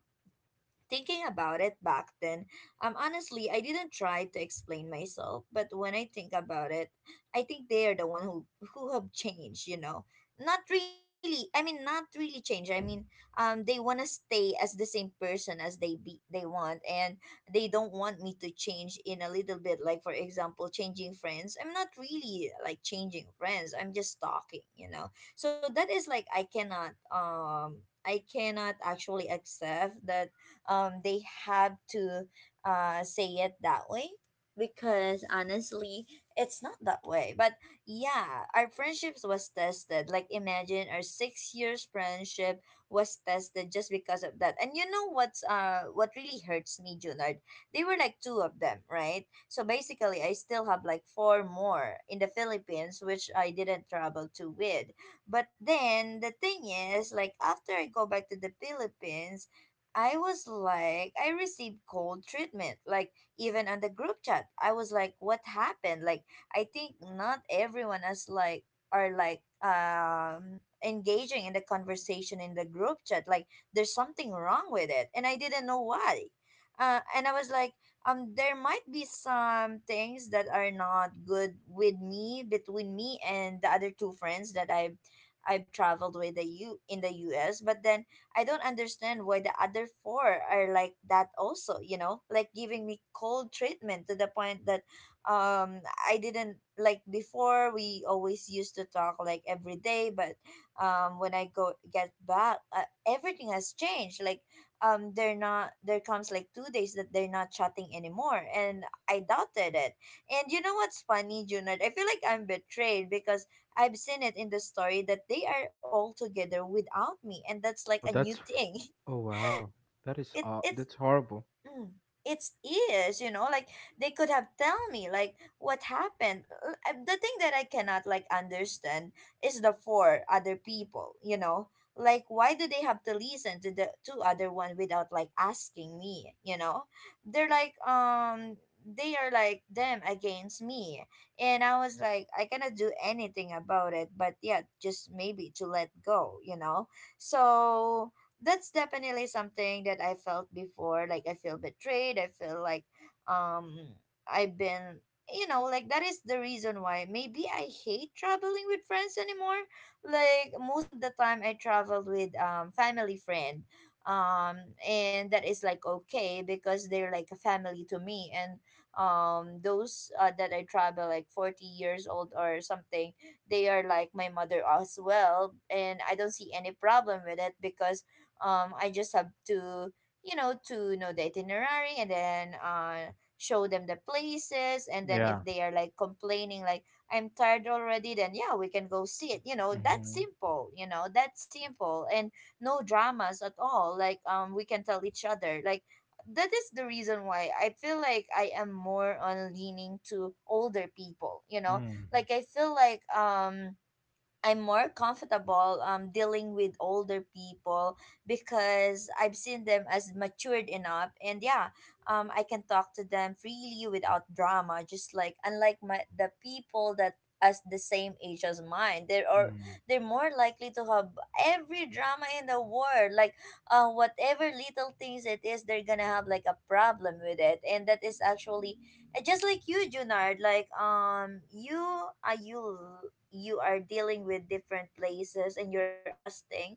Speaker 1: thinking about it back then, honestly, I didn't try to explain myself. But when I think about it, I think they are the one who have changed. You know, not really. I mean, not really change. I mean, they wanna stay as the same person as they want, and they don't want me to change in a little bit. Like for example, changing friends. I'm not really like changing friends. I'm just talking. You know, so that is like I cannot actually accept that, they have to, say it that way, because honestly, it's not that way. But yeah, our friendships was tested, like imagine our 6 years friendship was tested just because of that. And you know what's, what really hurts me, Junard? They were like two of them, right? So basically, I still have like four more in the Philippines which I didn't travel to with. But then the thing is, like after I go back to the Philippines, I was like, I received cold treatment. Like, even on the group chat, I was like, what happened? Like, I think not everyone is like, are like, engaging in the conversation in the group chat. Like, there's something wrong with it. And I didn't know why. And I was like, there might be some things that are not good with me, between me and the other two friends that I've traveled with the U in the US. But then I don't understand why the other four are like that also, you know, like giving me cold treatment to the point that um I didn't like before we always used to talk like every day. But when I go get back, everything has changed. Like they're not, there comes like 2 days that they're not chatting anymore, and I doubted it. And you know what's funny, Junard? I feel like I'm betrayed because I've seen it in the story that they are all together without me, and that's like a
Speaker 2: Oh,
Speaker 1: new
Speaker 2: that's,
Speaker 1: thing.
Speaker 2: oh wow. That is
Speaker 1: It it's
Speaker 2: that's horrible.
Speaker 1: Mm. It's, you know, like they could have tell me like what happened. The thing that I cannot like understand is the four other people, you know. Like why do they have to listen to the two other one without like asking me, you know? They're like they are like them against me. And I was like I cannot do anything about it, but yeah, just maybe to let go, you know. So that's definitely something that I felt before. Like I feel betrayed. I feel like um I've been, you know, like that is the reason why maybe I hate traveling with friends anymore. Like most of the time I traveled with family friend. Um and that is like okay because they're like a family to me, and those that I travel like 40 years old or something, they are like my mother as well, and I don't see any problem with it because I just have to, you know, to know the itinerary, and then show them the places. And then
Speaker 2: Yeah.
Speaker 1: if they are like complaining like I'm tired already, then yeah, we can go see it. That's
Speaker 2: Mm-hmm.
Speaker 1: simple, that's simple. And no dramas at all. Like, we can tell each other like that is the reason why I feel like I am more on leaning to older people, you know?
Speaker 2: Mm-hmm.
Speaker 1: Like I feel like I'm more comfortable dealing with older people because I've seen them as matured enough, and yeah, I can talk to them freely without drama. Just like unlike my the people that as the same age as mine, they are
Speaker 2: Mm.
Speaker 1: they're more likely to have every drama in the world. Like, whatever little things it is, they're gonna have like a problem with it, and that is actually just like you, Junard. Like, you are you are dealing with different places and you're adjusting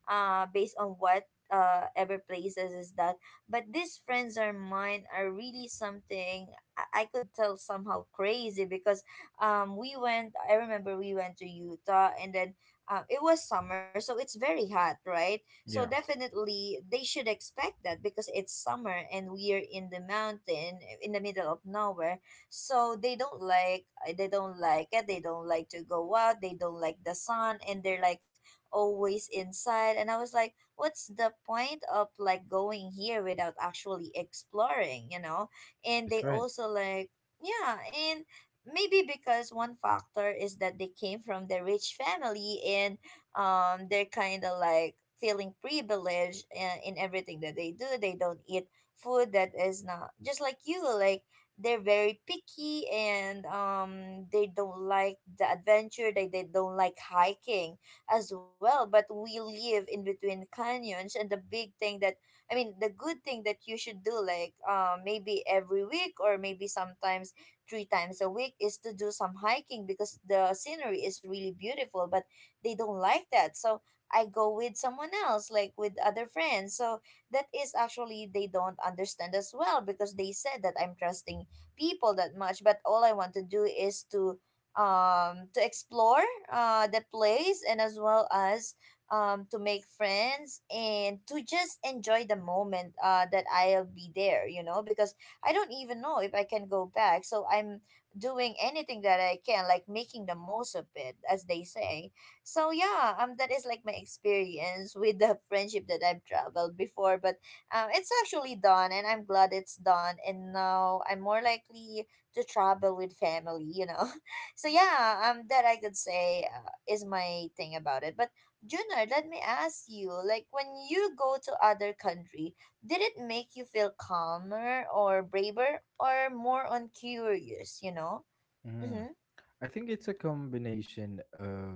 Speaker 1: based on what ever places is that. But these friends are mine are really something I could tell somehow crazy because we went, I remember we went to Utah, and then it was summer, so it's very hot, right? So
Speaker 2: Yeah,
Speaker 1: definitely they should expect that because it's summer and we are in the mountain in the middle of nowhere. So they don't like, they don't like it, they don't like to go out, they don't like the sun, and they're like always inside. And I was like, what's the point of like going here without actually exploring, you know?
Speaker 2: that
Speaker 1: And
Speaker 2: is
Speaker 1: they
Speaker 2: right.
Speaker 1: also like yeah. And maybe because one factor is that they came from the rich family, and they're kind of like feeling privileged in everything that they do. They don't eat food that is not just like you like. They're very picky, and they don't like the adventure. They don't like hiking as well. But we live in between canyons, and the big thing that I mean the good thing that you should do, like maybe every week or maybe sometimes three times a week, is to do some hiking because the scenery is really beautiful. But they don't like that, so I go with someone else, like with other friends. So that is actually they don't understand as well because they said that I'm trusting people that much, but all I want to do is to explore the place, and as well as to make friends and to just enjoy the moment that I'll be there, you know, because I don't even know if I can go back. So I'm doing anything that I can, like making the most of it, as they say. So yeah, that is like my experience with the friendship that I've traveled before. But it's actually done, and I'm glad it's done. And now I'm more likely to travel with family, you know. So yeah, that I could say is my thing about it. But Junior, let me ask you, like when you go to other country, did it make you feel calmer or braver or more on curious? You know.
Speaker 2: Mm.
Speaker 1: Mm-hmm.
Speaker 2: I think it's a combination of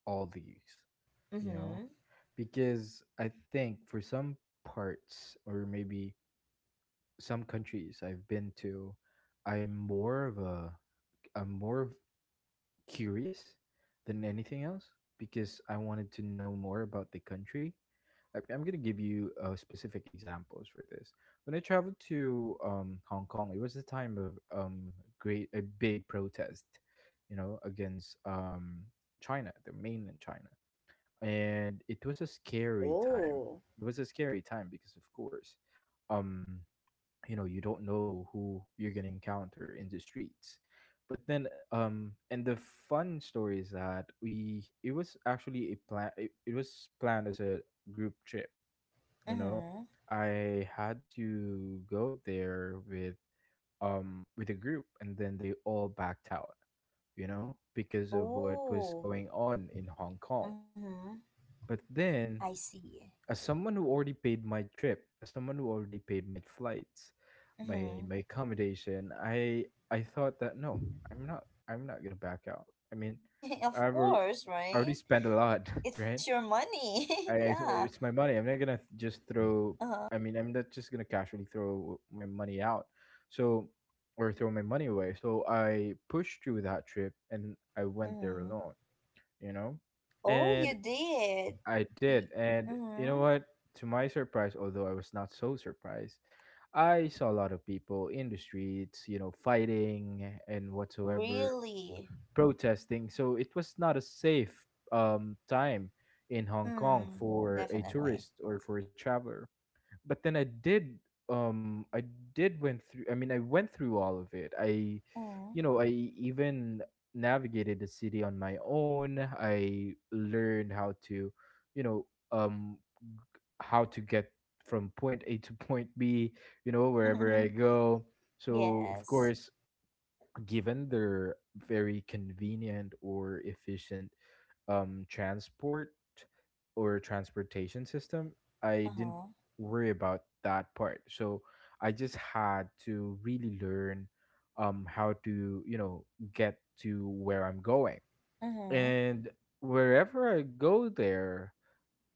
Speaker 2: all these, you know,
Speaker 1: Mm-hmm.
Speaker 2: because I think for some parts or maybe some countries I've been to, I'm more of a I'm more of curious than anything else because I wanted to know more about the country. I'm gonna give you specific examples for this. When I traveled to Hong Kong, it was the time of great a big protest, you know, against China, the mainland China, and it was a scary time.
Speaker 1: Oh.
Speaker 2: It was a scary time because, of course, um, you know, you don't know who you're gonna encounter in the streets. But then, and the fun story is that we it was actually a plan. It was planned as a group trip, you know,
Speaker 1: Mm-hmm.
Speaker 2: I had to go there with a group, and then they all backed out, you know, because of what was
Speaker 1: Oh.
Speaker 2: going on in Hong Kong.
Speaker 1: Mm-hmm.
Speaker 2: But
Speaker 1: I
Speaker 2: then,
Speaker 1: see.
Speaker 2: as someone who already paid my trip, as someone who already paid my flights,
Speaker 1: Mm-hmm.
Speaker 2: my accommodation, I thought that no, I'm not gonna back out. I mean,
Speaker 1: Of
Speaker 2: i've al-
Speaker 1: course,
Speaker 2: I already
Speaker 1: right?
Speaker 2: spent a lot,
Speaker 1: It's your
Speaker 2: right?
Speaker 1: money.
Speaker 2: I,
Speaker 1: Yeah.
Speaker 2: it's my money. I'm not gonna th- just throw.
Speaker 1: Uh-huh.
Speaker 2: I mean, I'm not just gonna casually throw my money out. So, or throw my money away. So I pushed through that trip and I went there
Speaker 1: Mm.
Speaker 2: alone. You know,
Speaker 1: Oh, you
Speaker 2: and
Speaker 1: did.
Speaker 2: I
Speaker 1: Y-
Speaker 2: did. And you know
Speaker 1: mm.
Speaker 2: what? To my surprise, although I was not so surprised, I saw a lot of people in the streets. You know, fighting and whatsoever,
Speaker 1: Really?
Speaker 2: protesting. So it was not a safe time in Hong Kong
Speaker 1: Mm.
Speaker 2: for a
Speaker 1: Definitely.
Speaker 2: tourist or for a traveler. But then I did went through. I mean, I went through all of it. I,
Speaker 1: Mm.
Speaker 2: you know, I even navigated the city on my own. I learned how to, you know, how to get from point A to point B. You know, wherever I go. So of
Speaker 1: Yes.
Speaker 2: course, given their very convenient or efficient transport or transportation system, I didn't
Speaker 1: Uh-huh.
Speaker 2: worry about that part. So I just had to really learn how to, you know, get to where I'm going.
Speaker 1: Mm-hmm.
Speaker 2: And wherever I go there,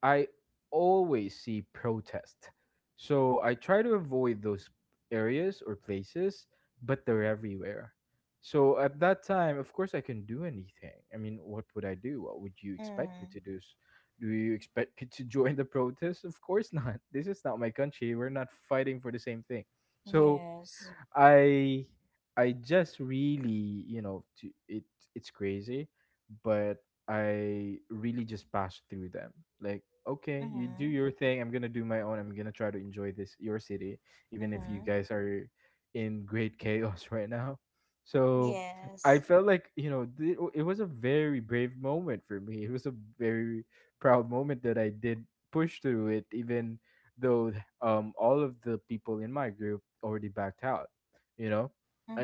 Speaker 2: I always see protest. So I try to avoid those areas or places, but they're everywhere. So at that time, of course, I can do anything. I mean, what would I do? What would you expect me
Speaker 1: Mm.
Speaker 2: to do? S- do you expect me to join the protest? Of course not. This is not my country. We're not fighting for the same thing. So
Speaker 1: Yes.
Speaker 2: I I just really, it's crazy, but I really just passed through them. Like, okay, you do
Speaker 1: Mm-hmm.
Speaker 2: your thing. I'm gonna do my own. I'm gonna try to enjoy this your city, even if you
Speaker 1: Mm-hmm.
Speaker 2: guys are in great chaos right now. So I
Speaker 1: Yes.
Speaker 2: felt like it was a very brave moment for me. It was a very proud moment that I did push through it, even though all of the people in my group already backed out. You know,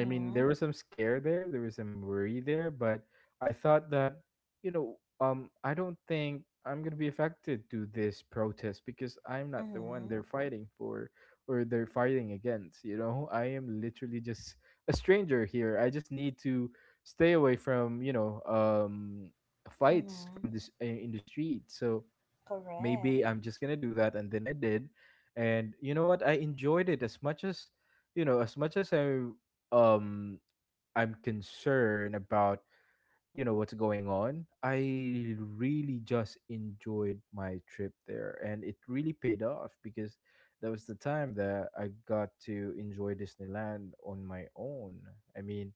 Speaker 2: I mean there was some scare there, there was some worry there, but I thought that I don't think I'm gonna be affected to this protest because I'm not the one
Speaker 1: Mm-hmm.
Speaker 2: they're fighting for or they're fighting against. I am literally just a stranger here. I just need to stay away from fights from
Speaker 1: Mm-hmm.
Speaker 2: this in the street. So maybe
Speaker 1: Correct.
Speaker 2: I'm just gonna do that, and then I did, and you know what? I enjoyed it as much as as much as um I'm concerned about what's going on. I really just enjoyed my trip there, and it really paid off because that was the time that I got to enjoy Disneyland on my own. I mean,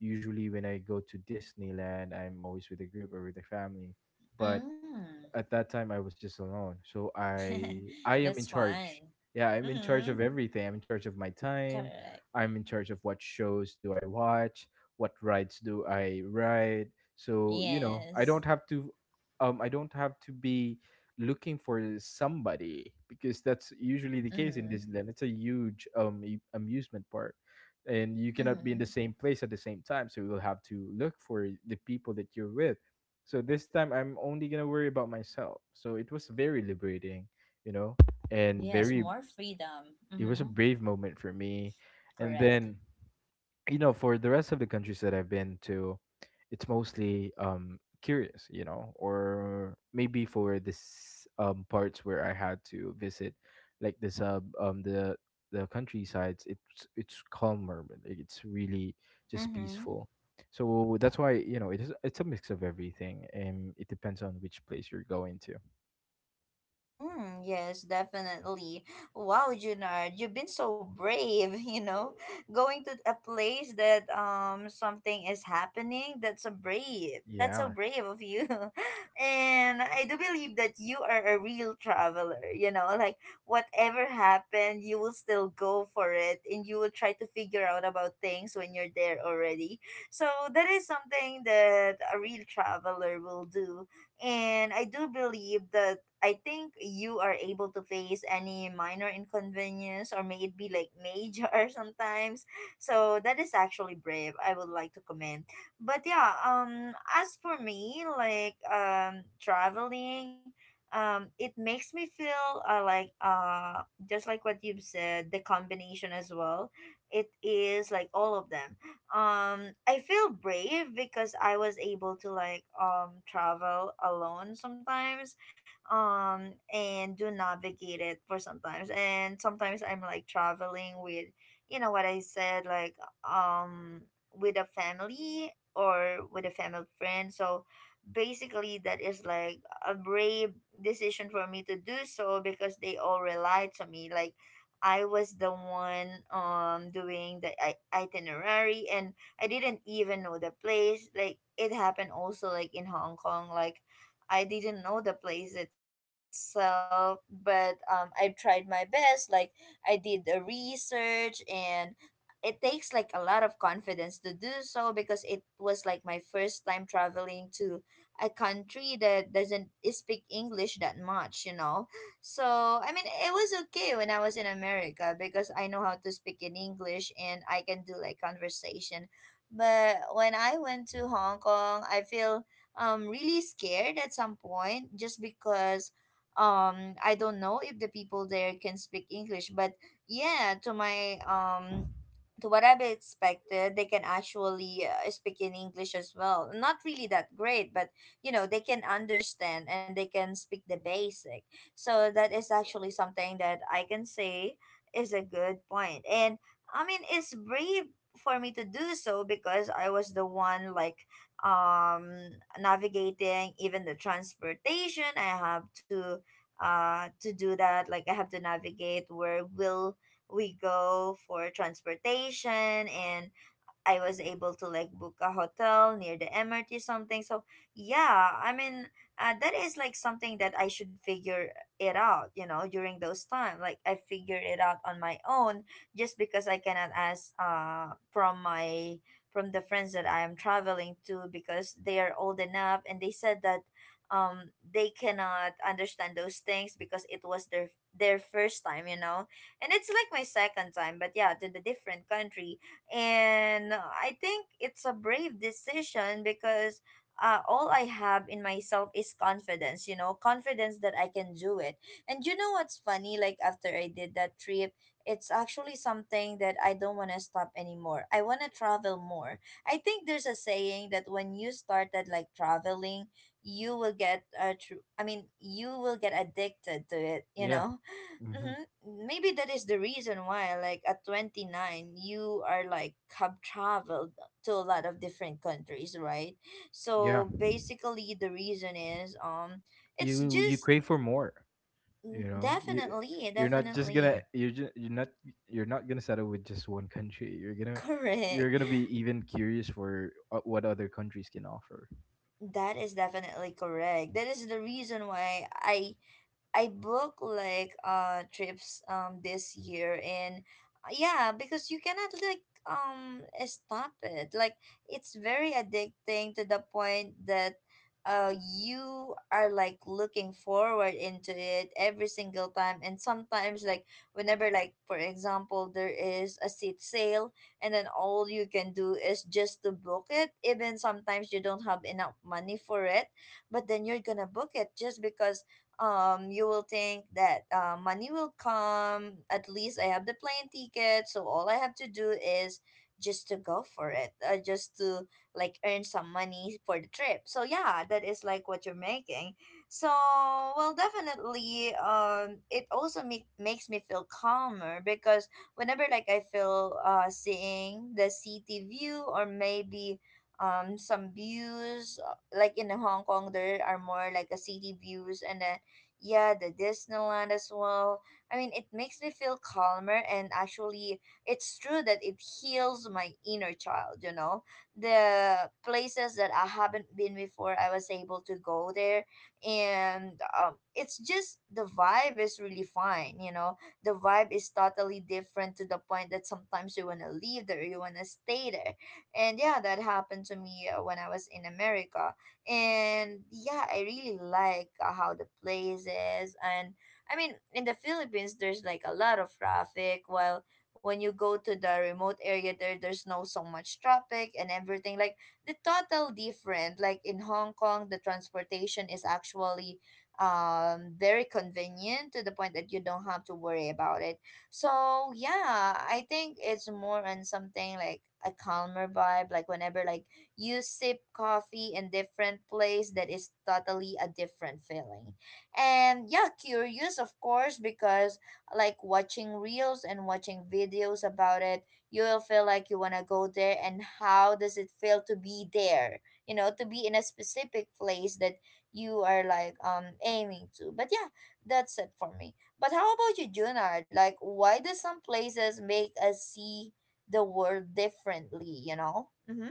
Speaker 2: usually when I go to Disneyland, I'm always with a group or with a family, but
Speaker 1: Mm.
Speaker 2: at that time I was just alone. So I am
Speaker 1: That's
Speaker 2: in
Speaker 1: fun.
Speaker 2: charge. Yeah, I'm in charge
Speaker 1: Mm-hmm.
Speaker 2: of everything. I'm in charge of my time.
Speaker 1: Correct.
Speaker 2: I'm in charge of what shows do I watch, what rides do I ride. So, I
Speaker 1: Yes.
Speaker 2: don't have to I don't have to be looking for somebody because that's usually the case in
Speaker 1: Mm-hmm.
Speaker 2: Disneyland. It's a huge amusement park, and you cannot be in
Speaker 1: Mm-hmm.
Speaker 2: the same place at the same time. So you'll have to look for the people that you're with. So this time I'm only gonna worry about myself. So it was very liberating, you know, and
Speaker 1: Yes,
Speaker 2: very
Speaker 1: more freedom.
Speaker 2: it was
Speaker 1: Mm-hmm.
Speaker 2: a brave moment for me. And
Speaker 1: Correct.
Speaker 2: then for the rest of the countries that I've been to, it's mostly curious, or maybe for this parts where I had to visit, like the sub the countrysides, it's calmer, but, like, it's really just
Speaker 1: Mm-hmm.
Speaker 2: peaceful. So that's why it's a mix of everything, and it depends on which place you're going to.
Speaker 1: Mm, yes, definitely. Wow, Junard, you've been so brave, you know, going to a place that something is happening. That's so brave. That's so
Speaker 2: Yeah.
Speaker 1: brave of you. And I do believe that you are a real traveler, you know, like whatever happened, you will still go for it, and you will try to figure out about things when you're there already. So that is something that a real traveler will do. And I do believe that I think you are able to face any minor inconvenience, or may it be like major sometimes. So that is actually brave. I would like to commend. But yeah, as for me, like traveling, it makes me feel like just like what you've said, the combination as well. It is like all of them. I feel brave because I was able to like travel alone sometimes, and do navigate it for sometimes, and sometimes I'm like traveling with, you know what I said, like um with a family or with a family friend. So basically that is like a brave decision for me to do so, because they all relied to me. Like I was the one doing the itinerary, and I didn't even know the place. Like it happened also like in Hong Kong. Like I didn't know the place itself, but I tried my best. Like I did the research, and it takes like a lot of confidence to do so, because it was like my first time traveling to a country that doesn't speak English that much, you know. So, I mean, it was okay when I was in America because I know how to speak in English and I can do like conversation. But when I went to Hong Kong, I feel really scared at some point, just because I don't know if the people there can speak English. But yeah, to my to what I've expected, they can actually speak in English as well, not really that great, but you know, they can understand and they can speak the basic. So that is actually something that I can say is a good point. And I mean, it's brave for me to do so because I was the one, like um navigating even the transportation. I have to do that. Like I have to navigate where will we go for transportation. And I was able to like book a hotel near the MRT something. So yeah, I mean, that is like something that I should figure it out, you know, during those time. Like I figured it out on my own, just because I cannot ask from my from the friends that I am traveling to, because they are old enough, and they said that they cannot understand those things because it was their first time, you know. And it's like my second time, but yeah, to the different country. And I think it's a brave decision because all I have in myself is confidence, you know, confidence that I can do it. And you know what's funny? Like, after I did that trip, it's actually something that I don't want to stop anymore. I want to travel more. I think there's a saying that when you started like traveling, you will get I mean, you will get addicted to it, you
Speaker 2: Yeah.
Speaker 1: know?
Speaker 2: Hmm.
Speaker 1: Mm-hmm. Maybe that is the reason why, like at 29, you are like have traveled to a lot of different countries, right?
Speaker 2: Yeah.
Speaker 1: So basically, the reason is it's
Speaker 2: You
Speaker 1: just
Speaker 2: crave for more.
Speaker 1: mm,
Speaker 2: You know, you
Speaker 1: definitely,
Speaker 2: you're not just
Speaker 1: definitely.
Speaker 2: gonna you're not gonna settle with just one country. You're gonna
Speaker 1: Correct.
Speaker 2: you're gonna be even curious for what other countries can offer.
Speaker 1: That is definitely correct. That is the reason why I booked like trips this year, and yeah, because you cannot like stop it. Like it's very addicting to the point that you are like looking forward into it every single time, and sometimes like whenever, like for example, there is a seat sale, and then all you can do is just to book it, even sometimes you don't have enough money for it. But then you're gonna book it just because you will think that money will come. At least I have the plane ticket, so all I have to do is just to go for it, just to like earn some money for the trip. So yeah, that is like what you're making. So well, definitely, it also makes me feel calmer because whenever like I feel seeing the city view or maybe some views, like in Hong Kong there are more like a city views, and then yeah, the Disneyland as well. I mean, it makes me feel calmer, and actually it's true that it heals my inner child, you know, the places that I haven't been before, I was able to go there. And it's just the vibe is really fine, you know, the vibe is totally different to the point that sometimes you want to leave there, you want to stay there. And yeah, that happened to me when I was in America. And yeah, I really like how the place is. And I mean, in the Philippines there's like a lot of traffic, while when you go to the remote area there, there's no so much traffic and everything. Like the total different, like in Hong Kong, the transportation is actually very convenient to the point that you don't have to worry about it. So yeah, I think it's more on something like a calmer vibe, like whenever like you sip coffee in different place, that is totally a different feeling. And yeah, curious of course, because like watching reels and watching videos about it, you'll feel like you want to go there and how does it feel to be there, you know, to be in a specific place that you are like aiming to. But yeah, that's it for me. But how about you, Junard? Like, why do some places make us see the world differently, you know? Mm-hmm.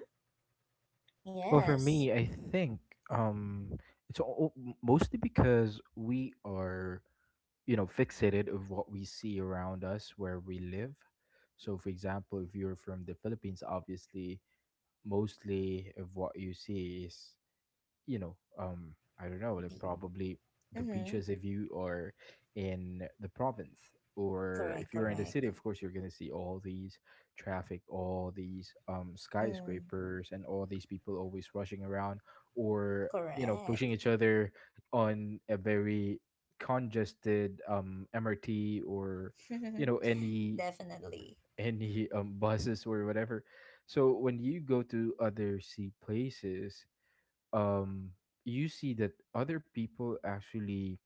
Speaker 2: Well, for
Speaker 1: Yes.
Speaker 2: me, I think um it's all, mostly because we are fixated of what we see around us where we live. So, for example, if you're from the Philippines, obviously mostly of what you see is you know, um, I don't know, like,
Speaker 1: The
Speaker 2: probably the
Speaker 1: mm-hmm.
Speaker 2: beaches if you are in the province, or
Speaker 1: Correct,
Speaker 2: if you're in the city,
Speaker 1: correct.
Speaker 2: of course, you're gonna see all these traffic, all these
Speaker 1: Mm,
Speaker 2: skyscrapers, and all these people always rushing around, or pushing
Speaker 1: correct.
Speaker 2: each other on a very congested MRT, or any
Speaker 1: Definitely.
Speaker 2: any buses, or whatever. So when you go to other sea places, um you see that other people actually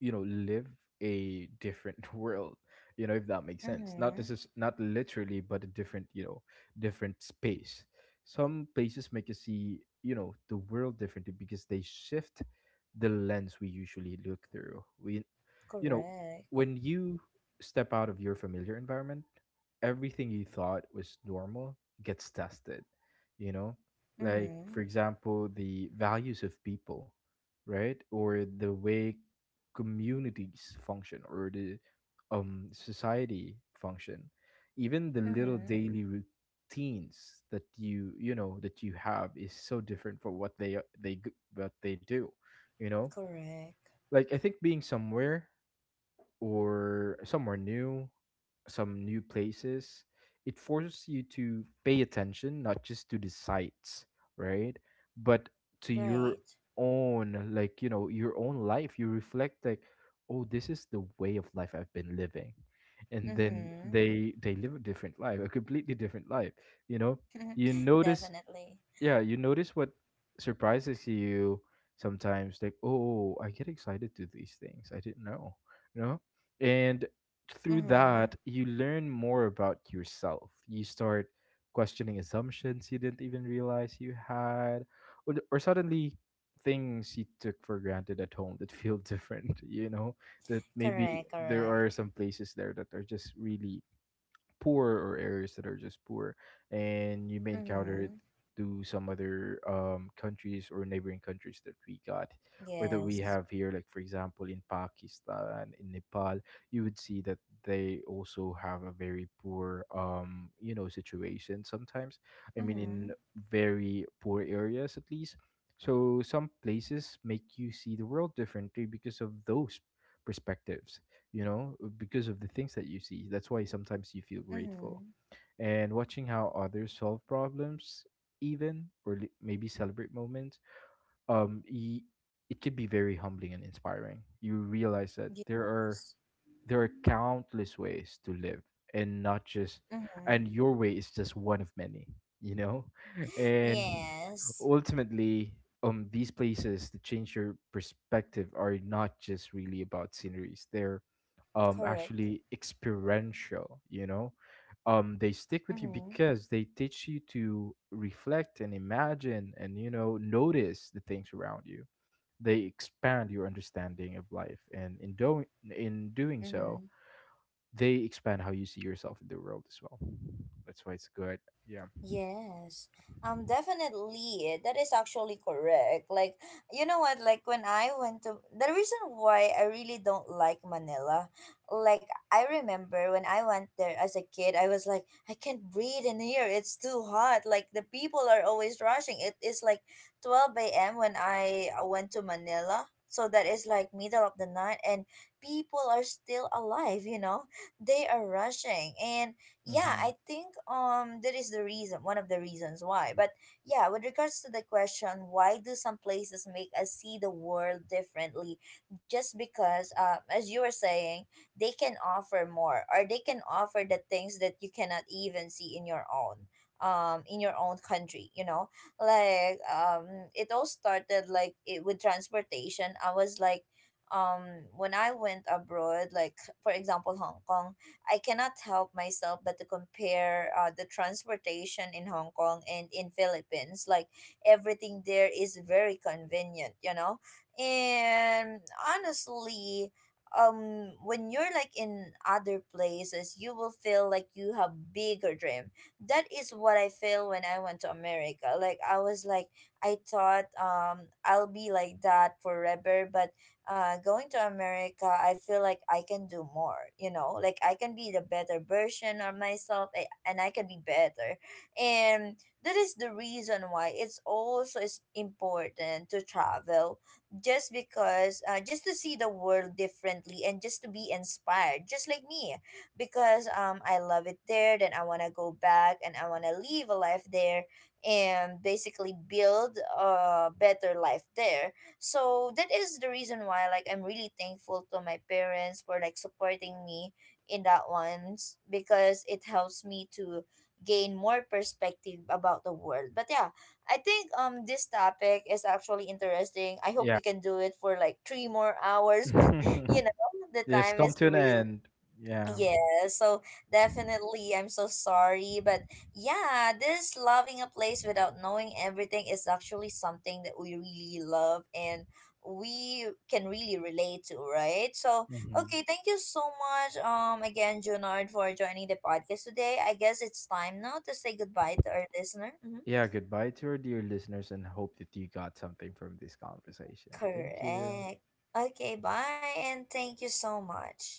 Speaker 2: live a different world, if that makes sense. Not this
Speaker 1: Mm-hmm.
Speaker 2: is not literally, but a different, different space. Some places make you see, the world differently because they shift the lens we usually look through. We you know
Speaker 1: Correct.
Speaker 2: When you step out of your familiar environment, everything you thought was normal gets tested, you know like,
Speaker 1: Mm-hmm.
Speaker 2: for example, the values of people, right, or the way communities function, or the society function, even the little
Speaker 1: Mm-hmm.
Speaker 2: daily routines that that you have is so different for what what they do. you know
Speaker 1: Correct.
Speaker 2: like I think being somewhere, or somewhere new, some new places, it forces you to pay attention not just to the sights, right? But to your
Speaker 1: Right.
Speaker 2: own, like, your own life. You reflect like, "Oh, this is the way of life I've been living." And then
Speaker 1: Mm-hmm.
Speaker 2: they live a different life, a completely different life, you know? You notice
Speaker 1: Definitely.
Speaker 2: yeah, you notice what surprises you sometimes, like, oh, I get excited to these things. I didn't know, you know? And through
Speaker 1: Mm-hmm.
Speaker 2: that, you learn more about yourself. You start questioning assumptions you didn't even realize you had, or suddenly things you took for granted at home that feel different, you know? That maybe
Speaker 1: Correct,
Speaker 2: there
Speaker 1: correct.
Speaker 2: are some places there that are just really poor, or areas that are just poor, and you may encounter it
Speaker 1: Mm-hmm.
Speaker 2: to some other countries, or neighboring countries that we got or that we
Speaker 1: Yes.
Speaker 2: have here. Like, for example, in Pakistan, in Nepal, you would see that they also have a very poor, situation sometimes. I mean,
Speaker 1: Mm-hmm.
Speaker 2: in very poor areas, at least. So some places make you see the world differently because of those perspectives, because of the things that you see. That's why sometimes you feel grateful.
Speaker 1: Mm-hmm.
Speaker 2: And watching how others solve problems, even maybe celebrate moments, um, y- it can be very humbling and inspiring. You realize that there are
Speaker 1: Yes.
Speaker 2: there are countless ways to live, and not just,
Speaker 1: Mm-hmm.
Speaker 2: and your way is just one of many, you know? And
Speaker 1: Yes.
Speaker 2: ultimately, these places that change your perspective are not just really about sceneries. They're
Speaker 1: Correct.
Speaker 2: actually experiential, you know? They stick with you
Speaker 1: Mm-hmm.
Speaker 2: because they teach you to reflect and imagine, and notice the things around you. They expand your understanding of life, and in doing so,
Speaker 1: Mm-hmm.
Speaker 2: they expand how you see yourself in the world as well. That's why it's good. Yeah.
Speaker 1: Yes, definitely. That is actually correct. Like, you know what? Like, when I went to the reason why I really don't like Manila, like, I remember when I went there as a kid, I was like, I can't breathe in here. It's too hot. Like, the people are always rushing. It is like 12 a.m. when I went to Manila. So that is like middle of the night, and people are still alive, you know? They are rushing. And yeah, I
Speaker 2: Hmm.
Speaker 1: think that is the reason, one of the reasons why. But yeah, with regards to the question, why do some places make us see the world differently, just because as you were saying, they can offer more, or they can offer the things that you cannot even see in your own, in your own country, you know. Like, it all started like with transportation. I was like, um when I went abroad, like for example Hong Kong, I cannot help myself but to compare the transportation in Hong Kong and in Philippines. Like, everything there is very convenient, you know. And honestly, when you're like in other places, you will feel like you have bigger dream. That is what I feel when I went to America. Like I was like I thought I'll be like that forever. But going to America, I feel like I can do more, you know, like I can be the better version of myself and I can be better. And that is the reason why it's also is important to travel, just because, just to see the world differently and just to be inspired, just like me, because I love it there. Then I want to go back and I want to live a life there and basically build a better life there. So that is the reason why, like, I'm really thankful to my parents for like supporting me in that one because it helps me to gain more perspective about the world. But yeah, I think this topic is actually interesting. I hope
Speaker 2: Yeah.
Speaker 1: we can do it for like 3 more hours but you know, the
Speaker 2: It's
Speaker 1: time
Speaker 2: come
Speaker 1: is
Speaker 2: to an
Speaker 1: real.
Speaker 2: end. Yeah.
Speaker 1: Yeah, so definitely, I'm so sorry. But yeah, this loving a place without knowing everything is actually something that we really love and we can really relate to, right? So,
Speaker 2: Hmm.
Speaker 1: okay, thank you so much, again, Junard, for joining the podcast today. I guess it's time now to say goodbye to our listener. Hmm.
Speaker 2: Yeah. Goodbye to our dear listeners, and hope that you got something from this conversation. Thank you.
Speaker 1: Correct. Okay, bye, and thank you so much.